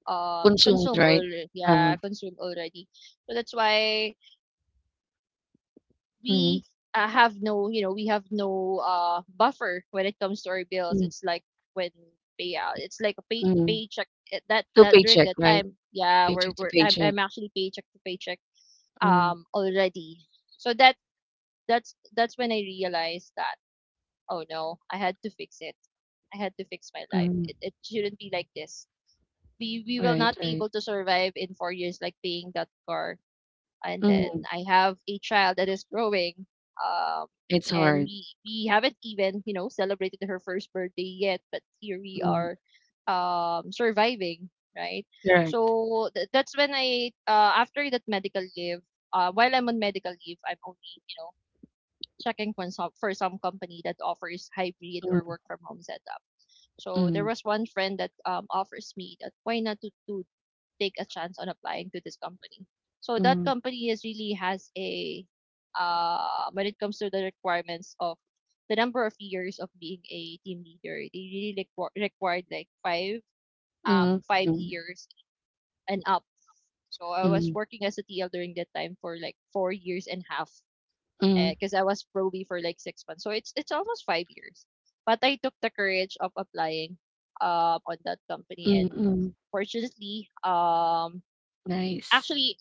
Speaker 1: Consumed,
Speaker 2: consumed
Speaker 1: right?
Speaker 2: already.
Speaker 1: Uh-huh.
Speaker 2: Yeah, consumed already. So that's why we
Speaker 1: Mm.
Speaker 2: uh, have no, you know, we have no buffer when it comes to our bills.
Speaker 1: Mm,
Speaker 2: It's like when payout. It's like a
Speaker 1: mm.
Speaker 2: paycheck at that
Speaker 1: So
Speaker 2: that during
Speaker 1: paycheck,
Speaker 2: that
Speaker 1: right?
Speaker 2: time. Yeah,
Speaker 1: Paycheck to
Speaker 2: we're
Speaker 1: paycheck.
Speaker 2: I'm actually paycheck to paycheck
Speaker 1: Mm,
Speaker 2: already. So that's when I realized that oh no, I had to fix it. I had to fix my life.
Speaker 1: mm.
Speaker 2: It shouldn't be like this. We will
Speaker 1: Right,
Speaker 2: not be
Speaker 1: right.
Speaker 2: able to survive in 4 years like paying that car. And then
Speaker 1: Mm.
Speaker 2: I have a child that is growing. Um
Speaker 1: It's
Speaker 2: and
Speaker 1: hard.
Speaker 2: we haven't even, you know, celebrated her first birthday yet, but here we
Speaker 1: Mm.
Speaker 2: are surviving, right?
Speaker 1: Correct.
Speaker 2: So that's when I after that medical leave, while I'm on medical leave, I'm only, you know, checking for some company that offers hybrid
Speaker 1: Mm,
Speaker 2: or work from home setup. So there
Speaker 1: mm,
Speaker 2: was one friend that offers me that why not to, to take a chance on applying to this company. So that
Speaker 1: mm,
Speaker 2: company is really has a when it comes to the requirements of the number of years of being a team leader, they really required like
Speaker 1: mm,
Speaker 2: five
Speaker 1: mm,
Speaker 2: years and up. So I was
Speaker 1: mm,
Speaker 2: working as a TL during that time for like 4 years and a half,
Speaker 1: mm,
Speaker 2: because I was probie for like 6 months. So it's almost 5 years. But I took the courage of applying on that company,
Speaker 1: mm,
Speaker 2: and
Speaker 1: mm.
Speaker 2: fortunately
Speaker 1: Nice.
Speaker 2: actually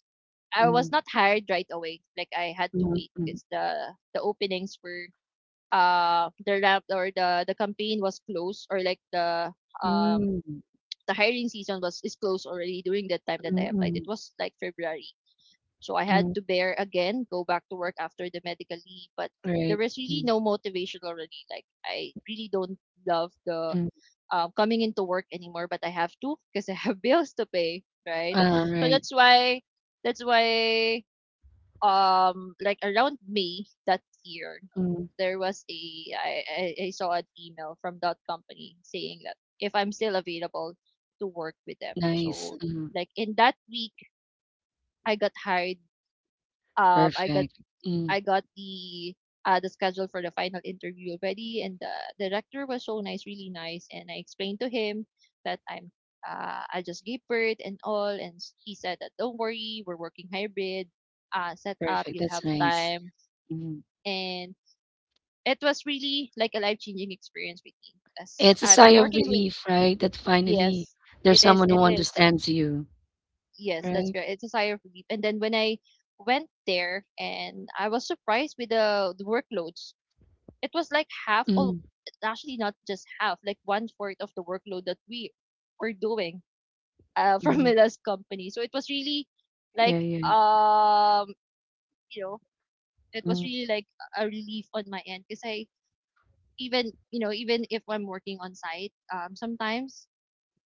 Speaker 2: I was
Speaker 1: Mm,
Speaker 2: not hired right away. Like I had to
Speaker 1: mm,
Speaker 2: wait
Speaker 1: mm,
Speaker 2: because the openings were the lab, or the campaign was closed, or like um
Speaker 1: mm,
Speaker 2: the hiring season was is closed already during the time that
Speaker 1: mm,
Speaker 2: I applied. It
Speaker 1: mm,
Speaker 2: was like February. So I had
Speaker 1: mm.
Speaker 2: to bear again, go back to work after the medical leave, but there
Speaker 1: Right.
Speaker 2: was really
Speaker 1: Mm,
Speaker 2: no motivation already. Like I really don't love the
Speaker 1: mm.
Speaker 2: coming into work anymore, but I have to because I have bills to pay, right?
Speaker 1: Ah,
Speaker 2: So
Speaker 1: right.
Speaker 2: that's why, that's why, like around May that year
Speaker 1: Mm.
Speaker 2: there was a I saw an email from that company saying that if I'm still available to work with them.
Speaker 1: Nice.
Speaker 2: So
Speaker 1: Mm.
Speaker 2: like in that week I got hired. um I got
Speaker 1: Perfect.
Speaker 2: I
Speaker 1: Mm.
Speaker 2: got the schedule for the final interview already, and the director was so nice, really nice. And I explained to him that I just gave birth and all, and he said that don't worry, we're working hybrid, set up,
Speaker 1: Perfect.
Speaker 2: you'll have
Speaker 1: That's nice.
Speaker 2: time.
Speaker 1: Mm.
Speaker 2: And it was really like a life changing experience with me.
Speaker 1: It's a
Speaker 2: I'm
Speaker 1: sigh of
Speaker 2: working with
Speaker 1: relief, right? That finally
Speaker 2: yes,
Speaker 1: there's someone
Speaker 2: it
Speaker 1: who
Speaker 2: is
Speaker 1: understands you.
Speaker 2: yes, that's
Speaker 1: Right?
Speaker 2: correct. It's a sigh of relief. And then when I went there, and I was surprised with the workloads, it was like half. All
Speaker 1: Mm,
Speaker 2: actually, not just half, like one fourth of the workload that we were doing, from
Speaker 1: mm.
Speaker 2: Mila's company. So it was really like
Speaker 1: Yeah, yeah.
Speaker 2: um you know, it was
Speaker 1: Mm,
Speaker 2: really like a relief on my end, because I even you know, even if I'm working on site sometimes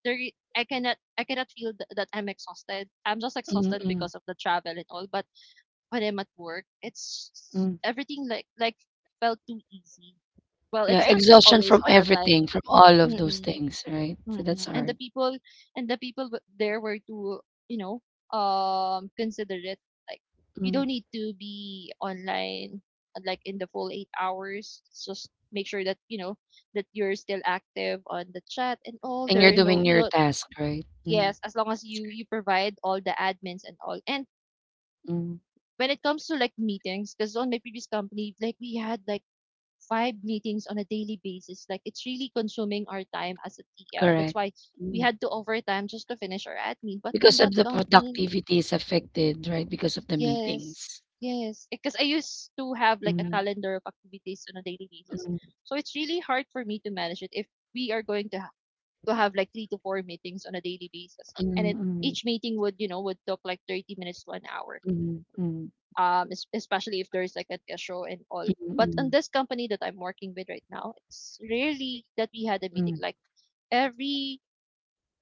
Speaker 2: there I cannot feel that I'm exhausted, I'm just
Speaker 1: mm,
Speaker 2: exhausted
Speaker 1: mm,
Speaker 2: because of the travel and all. But when I'm at work, it's
Speaker 1: mm.
Speaker 2: everything like felt too easy. Well,
Speaker 1: Yeah,
Speaker 2: it's not
Speaker 1: exhaustion
Speaker 2: always
Speaker 1: from
Speaker 2: all the time.
Speaker 1: everything, from all of those
Speaker 2: Mm,
Speaker 1: things, right? So that's
Speaker 2: mm. And the
Speaker 1: hard.
Speaker 2: people, and the people w there were to you know, considerate. Like, you
Speaker 1: Mm.
Speaker 2: don't need to be online, like, in the full 8 hours. Just make sure that, you know, that you're still active on the chat and all.
Speaker 1: And
Speaker 2: There
Speaker 1: you're
Speaker 2: are no,
Speaker 1: doing
Speaker 2: you
Speaker 1: your
Speaker 2: know,
Speaker 1: task, right? Mm,
Speaker 2: yes, as long as you provide all the admins and all. And
Speaker 1: mm.
Speaker 2: when it comes to like meetings, because on my previous company, like we had like five meetings on a daily basis. Like it's really consuming our time as a TL. That's
Speaker 1: Correct.
Speaker 2: why we
Speaker 1: Mm.
Speaker 2: had to overtime just to finish our admin. But on
Speaker 1: Because
Speaker 2: that
Speaker 1: of the
Speaker 2: company,
Speaker 1: productivity is affected, right? Because of the
Speaker 2: yes,
Speaker 1: meetings.
Speaker 2: yes, because I used to have like a
Speaker 1: Mm,
Speaker 2: calendar of activities on a daily basis.
Speaker 1: mm,
Speaker 2: So it's really hard for me to manage it if we are going to to have like three to four meetings on a daily basis, and
Speaker 1: mm,
Speaker 2: it
Speaker 1: mm,
Speaker 2: each meeting would you know would talk like 30 minutes to an hour.
Speaker 1: mm, mm,
Speaker 2: Especially if there's like an issue and all.
Speaker 1: mm,
Speaker 2: But on
Speaker 1: mm,
Speaker 2: this company that I'm working with right now, it's rarely that we had a meeting.
Speaker 1: mm.
Speaker 2: Like every,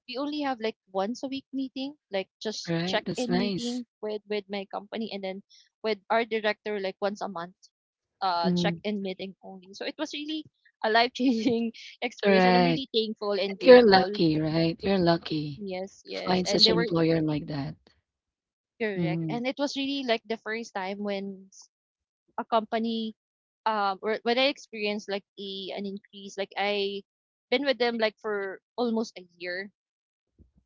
Speaker 2: we only have like once a week meeting, like just
Speaker 1: Right?
Speaker 2: check
Speaker 1: That's
Speaker 2: in
Speaker 1: nice.
Speaker 2: meeting with my company, and then with our director like once a month, check
Speaker 1: Mm.
Speaker 2: in meeting only. So it was really a life changing experience, and I'm
Speaker 1: Correct.
Speaker 2: really thankful and
Speaker 1: And you're
Speaker 2: grateful.
Speaker 1: lucky, right? You're lucky
Speaker 2: Yes,
Speaker 1: to
Speaker 2: yes,
Speaker 1: find
Speaker 2: and
Speaker 1: such
Speaker 2: they
Speaker 1: an
Speaker 2: were
Speaker 1: employer like that.
Speaker 2: correct,
Speaker 1: Mm.
Speaker 2: and it was really like the first time when a company or when I experienced like a an increase, like I been with them like for almost a year.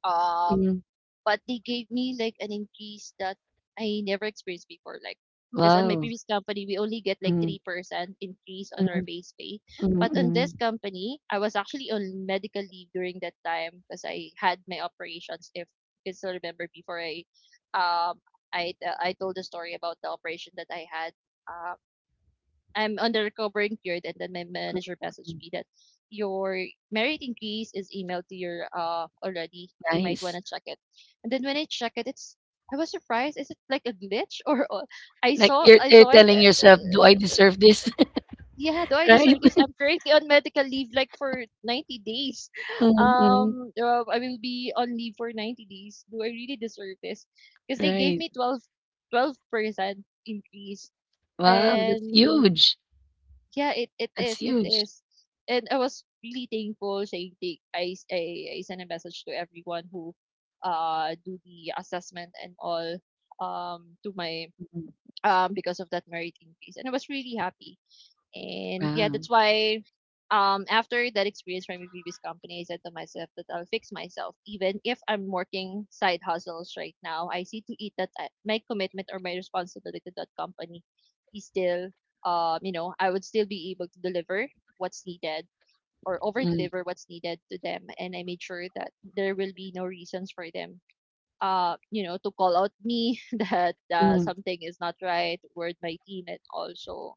Speaker 2: Um
Speaker 1: Mm,
Speaker 2: but they gave me like an increase that I never experienced before. Like, because on my
Speaker 1: wow.
Speaker 2: previous company we only get like
Speaker 1: Mm,
Speaker 2: 3% increase on our
Speaker 1: mm,
Speaker 2: base pay.
Speaker 1: mm,
Speaker 2: But on this
Speaker 1: mm,
Speaker 2: company, I was actually on medical leave during that time because I had my operations. If you still remember before um I told the story about the operation that I had, uh, I'm on the recovering period, and then my manager messaged
Speaker 1: mm.
Speaker 2: me that your merit increase is emailed to your already. You might want
Speaker 1: Nice.
Speaker 2: to check it. And then when I check it, it's I was surprised. Is it like a glitch or
Speaker 1: Like
Speaker 2: I
Speaker 1: you're
Speaker 2: saw it.
Speaker 1: telling yourself, "Do I deserve this?"
Speaker 2: Yeah, do I
Speaker 1: Right?
Speaker 2: deserve this? I'm currently on medical leave like for 90 days.
Speaker 1: Mm, mm,
Speaker 2: I will be on leave for 90 days. Do I really deserve this? Because they gave
Speaker 1: right.
Speaker 2: me twelve twelve percent increase.
Speaker 1: Wow, that's
Speaker 2: And
Speaker 1: huge.
Speaker 2: Yeah, it
Speaker 1: That's
Speaker 2: is, it
Speaker 1: huge.
Speaker 2: is. And I was really thankful saying take I sent a message to everyone who do the assessment and all, to my
Speaker 1: Mm,
Speaker 2: because of that merit increase. And I was really happy. And yeah,
Speaker 1: wow.
Speaker 2: that's why, after that experience from my previous company, I said to myself that I'll fix myself. Even if I'm working side hustles right now, I see to it that my commitment or my responsibility to that company is still, you know, I would still be able to deliver what's needed, or over
Speaker 1: Mm,
Speaker 2: deliver what's needed to them. And I made sure that there will be no reasons for them, you know, to call out me that
Speaker 1: mm,
Speaker 2: something is not right, word my team, and also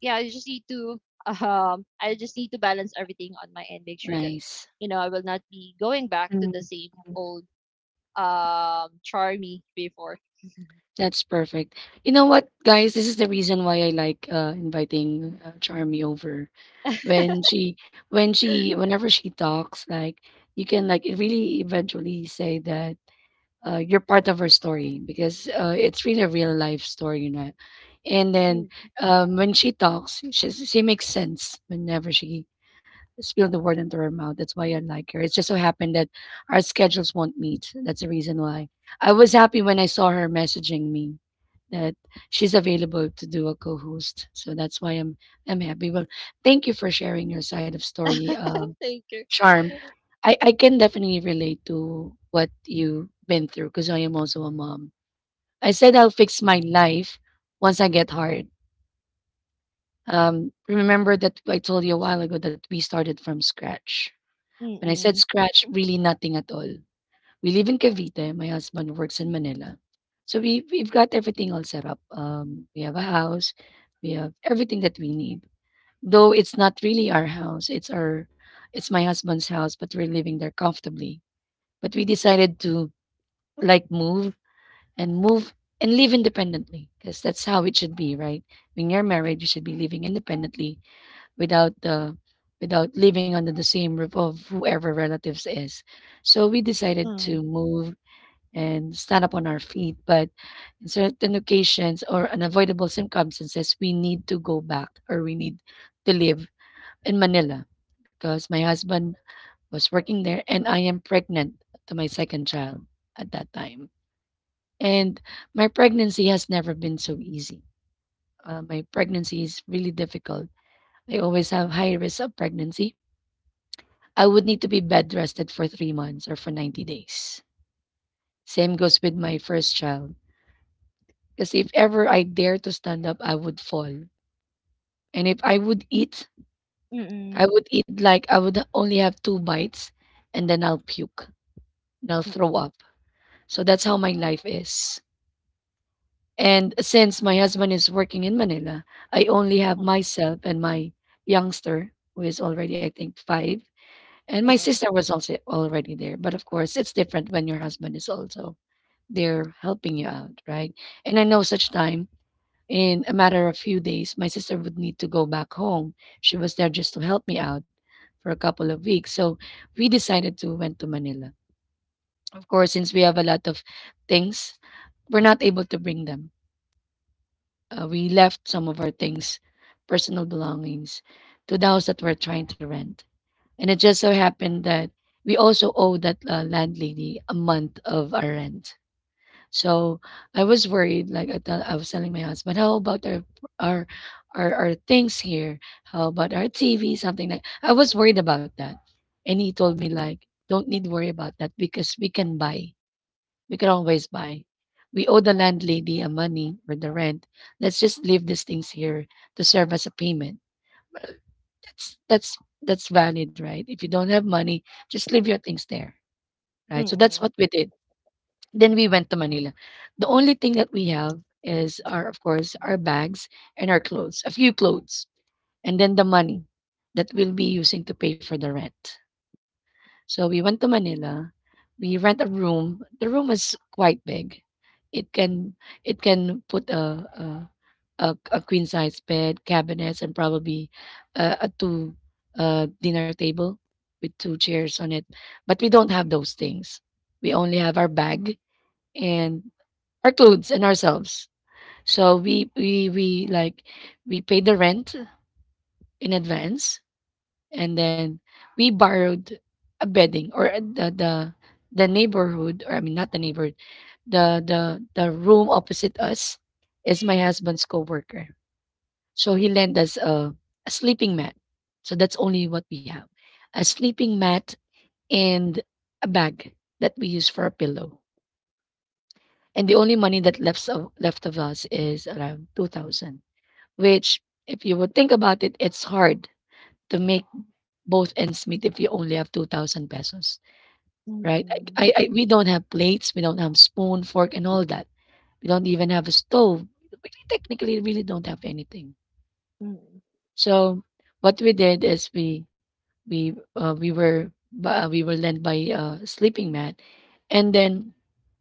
Speaker 2: yeah, I just need to I just need to balance everything on my end, make sure that
Speaker 1: nice.
Speaker 2: you know I will not be going back to the
Speaker 1: Mm,
Speaker 2: same old charmy before.
Speaker 1: that's perfect. You know what, guys? This is the reason why I like inviting Charmy over. When she, whenever she talks, like, you can, like, really eventually say that you're part of her story because it's really a real life story. And then
Speaker 2: Mm.
Speaker 1: when she talks, she makes sense whenever she spills the word into her mouth. That's why I like her. It just so happened that our schedules won't meet. That's the reason why. I was happy when I saw her messaging me that she's available to do a co-host. So that's why I'm happy. Well, thank you for sharing your side of story,
Speaker 2: Thank you.
Speaker 1: Charm. I can definitely relate to what you've been through because I am also a mom. I said I'll fix my life once I get hard. Remember that I told you a while ago that we started from scratch. When I said
Speaker 2: Mm-mm.
Speaker 1: scratch, really nothing at all. We live in Cavite. My husband works in Manila. So we've got everything all set up. We have a house. We have everything that we need. Though it's not really our house. It's my husband's house, but we're living there comfortably. But we decided to, like, move and move and live independently because that's how it should be, right? When you're married, you should be living independently without the, without living under the same roof of whoever relatives is. So we decided
Speaker 2: Mm.
Speaker 1: to move and stand up on our feet, but in certain occasions or unavoidable circumstances, we need to go back or we need to live in Manila because my husband was working there, and I am pregnant to my second child at that time. And my pregnancy has never been so easy. My pregnancy is really difficult. I always have high risk of pregnancy. I would need to be bed rested for 3 months or for 90 days. Same goes with my first child. Because if ever I dare to stand up, I would fall. And if I would eat, I
Speaker 2: Mm-mm.
Speaker 1: would eat like I would only have two bites and then I'll puke and I'll
Speaker 2: Mm-mm.
Speaker 1: throw up. So that's how my life is. And since my husband is working in Manila, I only have myself and my youngster, who is already, I think, five. And my
Speaker 2: Mm-mm.
Speaker 1: sister was also already there. But of course, it's different when your husband is also there helping you out, right? And I know such time, in a matter of few days, my sister would need to go back home. She was there just to help me out for a couple of weeks. So we decided to went to Manila. Of course, since we have a lot of things, we're not able to bring them. We left some of our things, personal belongings, to the house that we're trying to rent. And it just so happened that we also owe that landlady a month of our rent. So I was worried. Like I was telling my husband, how about our our things here? How about our TV? Something like I was worried about that, and he told me like, don't need to worry about that because we can buy. We can always buy. We owe the landlady a money for the rent. Let's just leave these things here to serve as a payment. That's that's that's valid, right? If you don't have money, just leave your things there, right? So that's
Speaker 2: Mm-mm.
Speaker 1: what we did. Then we went to Manila. The only thing that we have is our, of course, our bags and our clothes, a few clothes, and then the money that we'll be using to pay for the rent. So we went to Manila. We rent a room. The room is quite big. It can it can put a queen size bed, cabinets, and probably a two dinner table with two chairs on it. But we don't have those things. We only have our bag and our clothes and ourselves. So we like we pay the rent in advance and then we borrowed a bedding or the neighborhood, or I mean not the neighborhood, the room opposite us is my husband's coworker, so he lent us a sleeping mat. So that's only what we have, a sleeping mat and a bag that we use for a pillow. And the only money that left of us is around 2000, which if you would think about it it's hard to make both ends meet if you only have 2000 pesos, right?
Speaker 2: Mm-mm.
Speaker 1: I, we don't have plates, we don't have spoon, fork, and all that. We don't even have a stove. We technically really don't have anything.
Speaker 2: Mm-mm.
Speaker 1: So what we did is we were lent by a sleeping mat, and then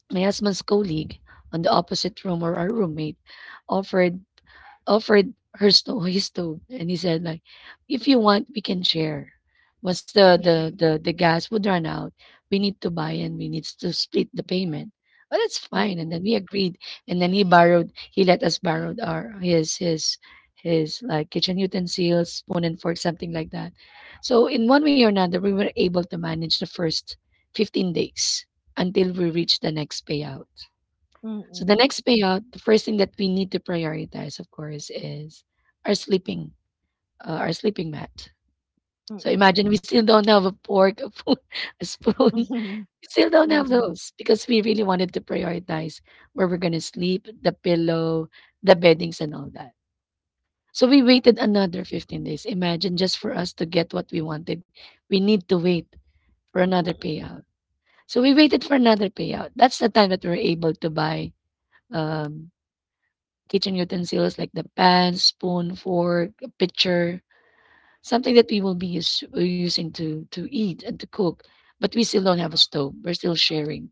Speaker 1: my husband's colleague on the opposite room or our roommate offered offered her stove, his stove, and he said like, "If you want, we can share. Once the gas would run out, we need to buy and we need to split the payment." Well, that's fine, and then we agreed, and then he let us borrow our his like kitchen utensils, spoon and fork, something like that. So in one way or another, we were able to manage the first 15 days until we reached the next payout. So the
Speaker 2: Mm-mm.
Speaker 1: next payout, the first thing that we need to prioritize, of course, is our sleeping, our sleeping mat. So
Speaker 2: Mm-mm.
Speaker 1: imagine we still don't have a fork, a spoon, a spoon.
Speaker 2: Mm-mm. Mm-mm.
Speaker 1: We still don't have
Speaker 2: Mm-mm.
Speaker 1: those because we really wanted to prioritize where we're gonna sleep, the pillow, the beddings, and all that. So we waited another 15 days. Imagine just for us to get what we wanted, we need to wait for another payout. So we waited for another payout. That's the time that we were able to buy um, kitchen utensils like the pan, spoon, fork, a pitcher, something that we will be using to eat and to cook. But we still don't have a stove. We're still sharing.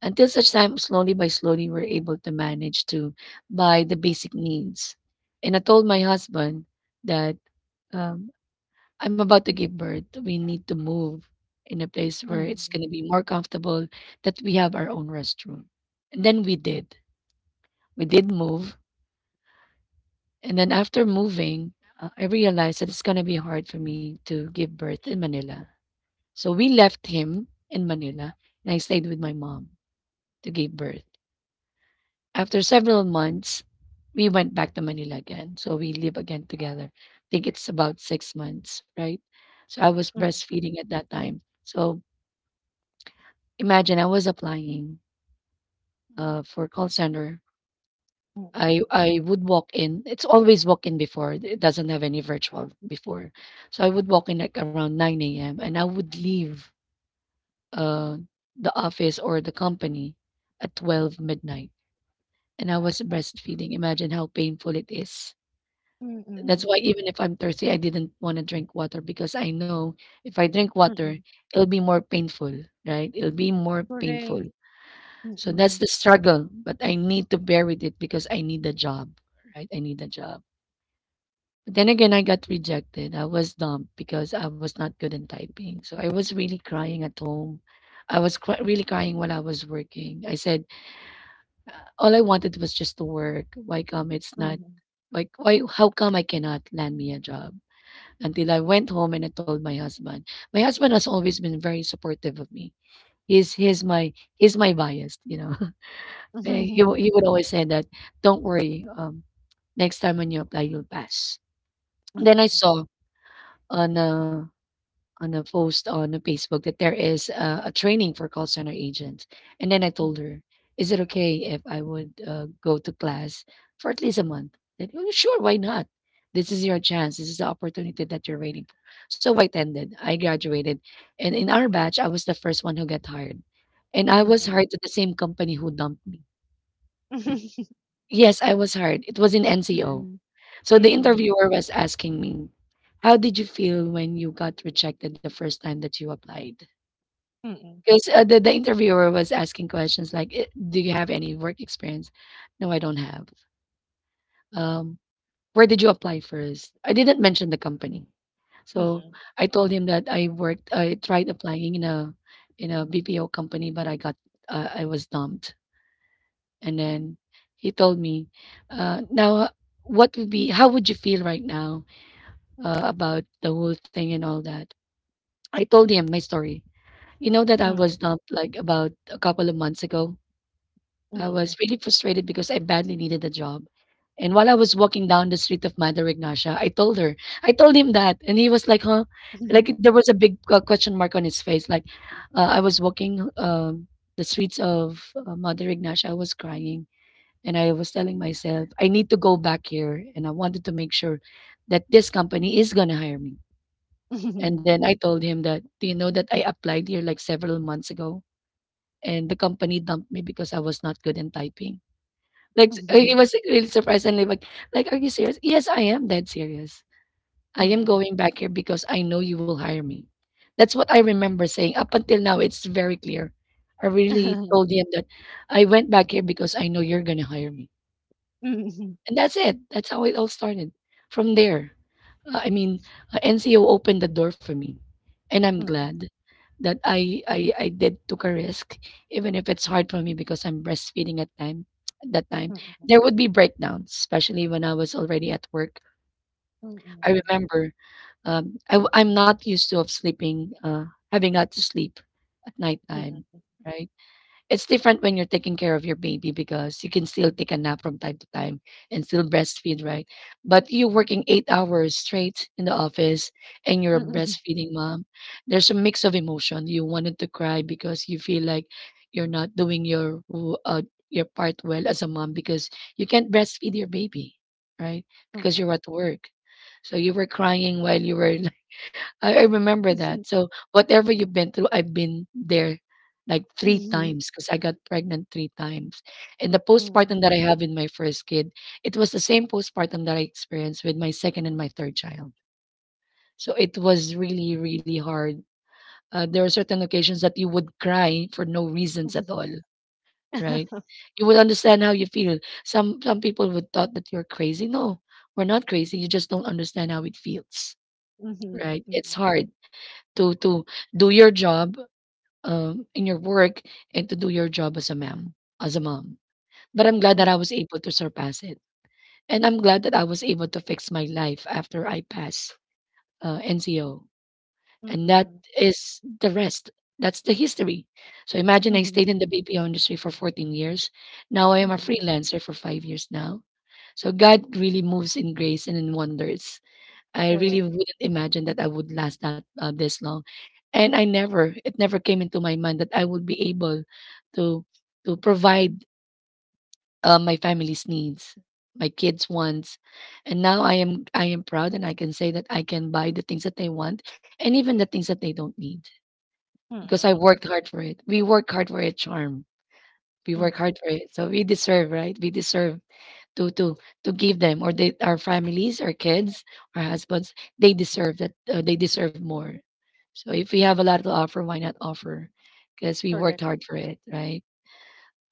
Speaker 1: Until such time, slowly by slowly, we're able to manage to buy the basic needs. And I told my husband that um, I'm about to give birth. We need to move in a place
Speaker 2: Mm-mm.
Speaker 1: where
Speaker 2: Mm-mm.
Speaker 1: it's
Speaker 2: Mm-mm.
Speaker 1: going to be more comfortable, that we have our own restroom. And then we did. We did move. And then after moving, I realized that it's gonna be hard for me to give birth in Manila. So we left him in Manila, and I stayed with my mom to give birth. After several months, we went back to Manila again. So we live again together. I think it's about 6 months, right? So I was breastfeeding at that time. So imagine I was applying for call center.
Speaker 2: Mm-mm.
Speaker 1: I would walk in. It's always walk in before. It doesn't have any virtual before. So I would walk in like around 9 a.m. and I would leave uh the office or the company at 12 midnight. And I was breastfeeding. Imagine how painful it is. That's
Speaker 2: Mm-mm.
Speaker 1: why even if I'm thirsty, I didn't want to drink water because I know if I drink water,
Speaker 2: Mm-mm.
Speaker 1: it'll be more painful, right? It'll be more painful.
Speaker 2: Correct.
Speaker 1: So that's
Speaker 2: Mm-mm.
Speaker 1: the struggle, but I need to bear with it because I need a job, right? I need a job. But then again, I got rejected. I was dumped because I was not good in typing. So I was really crying at home. I was really crying while I was working. I said, uh, all I wanted was just to work. Why come it's not?
Speaker 2: Mm-mm.
Speaker 1: Like, why? How come I cannot land me a job? Until I went home and I told my husband. My husband has always been very supportive of me. He's he's my he's my bias. You know, Eh, he would always say that. Don't worry. Next time when you apply, you'll pass. Then I saw on uh, on a post on a Facebook that there is a training for call center agents. And then I
Speaker 2: M
Speaker 1: told her, is it okay if I would go to class for at least a month? That, "Oh, sure, why not? This is your chance. This is the opportunity that you're waiting for." So I attended. I graduated. And in our batch, I was the first one who got hired. And I was
Speaker 2: mm.
Speaker 1: hired to the same company who dumped me. Yes, I was hired. It was in NCO.
Speaker 2: Mm,
Speaker 1: So the
Speaker 2: mm,
Speaker 1: interviewer was asking me, how did you feel when you got rejected the first time that you applied?
Speaker 2: mm,
Speaker 1: Because the interviewer was asking questions like, "Eh, do you have any work experience?" No, I don't have. Um, where did you apply first? I didn't mention the company, so
Speaker 2: mm,
Speaker 1: I told him that I worked. I tried applying in a BPO company, but I got I was dumped. And then he told me, "Now, what would be? How would you feel right now about the whole thing and all that?" I told him my story. You know that I was
Speaker 2: mm,
Speaker 1: dumped like about a couple of months ago. I was
Speaker 2: mm,
Speaker 1: really frustrated because I badly needed a job. And while I was walking down the street of Mother Ignacia, I told her, I told him that. And he was like, huh?
Speaker 2: mm.
Speaker 1: Like there was a big question mark on his face. Like I was walking the streets of Mother Ignacia, I was crying. And I was telling myself, I need to go back here. And I wanted to make sure that this company is going to hire me. And then I told him that, do you know that I applied here like several months ago? And the company dumped me because I was not good in typing. Like he was like, really surprised and like, are you serious? Yes, I am dead serious. I am
Speaker 2: Mhm,
Speaker 1: going back here because I know you will hire me. That's what I remember saying. Up until now, it's very clear. I really told him that I went back here because I know you're gonna hire me. And that's it. That's how it all started. From there, uh, I mean, NCO opened the door for me, and I'm
Speaker 2: mhm,
Speaker 1: glad that I did took a risk, even if it's hard for me because I'm breastfeeding at time. At that time,
Speaker 2: mhm.
Speaker 1: there would be breakdowns, especially when I was already at work. I
Speaker 2: Mhm,
Speaker 1: remember am not used to of sleeping, having not to sleep at nighttime,
Speaker 2: mhm,
Speaker 1: right? It's different when you're taking care of your baby because you can still take a nap from time to time and still breastfeed, right? But you working 8 hours straight in the office and you're a
Speaker 2: mhm,
Speaker 1: breastfeeding mom, there's a mix of emotion. You wanted to cry because you feel like you're not doing your your part well as a mom because you can't breastfeed your baby, right? Because
Speaker 2: mhm,
Speaker 1: you're at work. So you were crying while you were I remember that. So whatever you've been through, I've been there like three times because I got pregnant three times. And the postpartum that I have in my first kid, it was the same postpartum that I experienced with my second and my third child. So it was really, really hard. There are certain occasions that you would cry for no reasons at all, right? You would understand how you feel. Some people would thought that you're crazy. No, we're not crazy. You just don't understand how it feels,
Speaker 2: mhm, mhm, mhm. Mhm,
Speaker 1: right?
Speaker 2: mhm,
Speaker 1: It's
Speaker 2: mhm.
Speaker 1: hard to do your job in your work and to do your job as a mom as a mom but I'm glad that I was able to surpass it, and I'm glad that I was able to fix my life after I passed NCO.
Speaker 2: Mhm,
Speaker 1: And that
Speaker 2: mhm,
Speaker 1: is the rest, that's the history. So imagine I stayed
Speaker 2: mhm,
Speaker 1: in the BPO industry for 14 years. Now I am
Speaker 2: mhm,
Speaker 1: a
Speaker 2: mhm, mhm.
Speaker 1: freelancer for 5 years now. So God really moves in grace and in wonders. I really
Speaker 2: Correct.
Speaker 1: wouldn't imagine that I would last that this long, and I never it never came into my mind that I would be able to to provide my family's needs, my kids' wants, and now I am proud and I can say that I can buy the things that they want and even the things that they don't need because I
Speaker 2: Mhm,
Speaker 1: worked hard for it. We work hard for it, Charm. We work
Speaker 2: mhm.
Speaker 1: hard for it, so we deserve, right? We deserve to to to give them, or they, our families, our kids, our husbands, they deserve that, they deserve more. So if we have a lot to offer, why not offer, because we worked
Speaker 2: Correct.
Speaker 1: hard for it, right?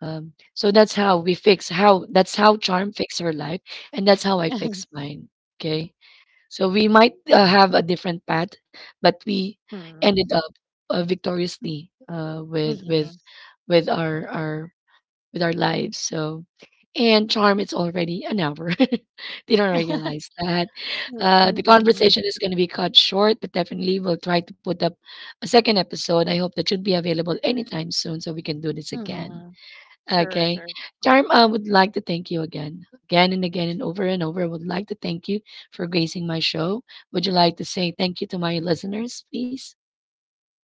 Speaker 1: So that's how Charm fix her life, and that's how I fix mine. Okay. So we might have a different path, but we
Speaker 2: Mhm,
Speaker 1: ended up victoriously
Speaker 2: mhm,
Speaker 1: with our with our lives. So, and Charm, it's already an hour. They don't realize that.
Speaker 2: mhm.
Speaker 1: The
Speaker 2: Mhm,
Speaker 1: conversation is going to be cut short, but definitely we'll try to put up a second episode. I hope that should be available anytime soon so we can do this
Speaker 2: mhm,
Speaker 1: again.
Speaker 2: mhm. Sure,
Speaker 1: Okay.
Speaker 2: sure.
Speaker 1: Charm, I would like to thank you again, again and again and over and over. I would like to thank you for gracing my show. Would you like to say thank you to my listeners, please?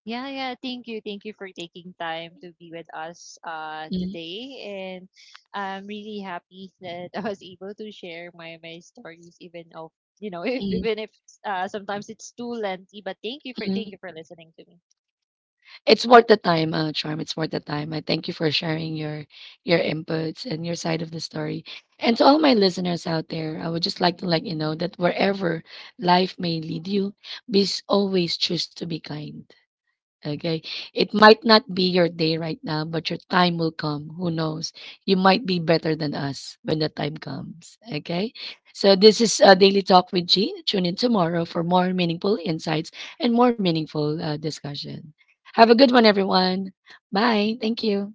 Speaker 2: Yeah, yeah. Thank you. Thank you for taking time to be with us
Speaker 1: Mm,
Speaker 2: today. And I'm really happy that I was able to share my stories, even of you know, if,
Speaker 1: mm,
Speaker 2: even if sometimes it's too lengthy, but thank you for,
Speaker 1: mm.
Speaker 2: thank you for listening to me.
Speaker 1: It's worth the time, Charm. It's worth the time. I thank you for sharing your inputs and your side of the story. And to all my listeners out there, I would just like to let you know that wherever life may lead you, please always choose to be kind. Okay. It might not be your day right now, but your time will come. Who knows? You might be better than us when the time comes. Okay. So this is a Daily Talk with Jean. Tune in tomorrow for more meaningful insights and more meaningful discussion. Have a good one, everyone. Bye. Thank you.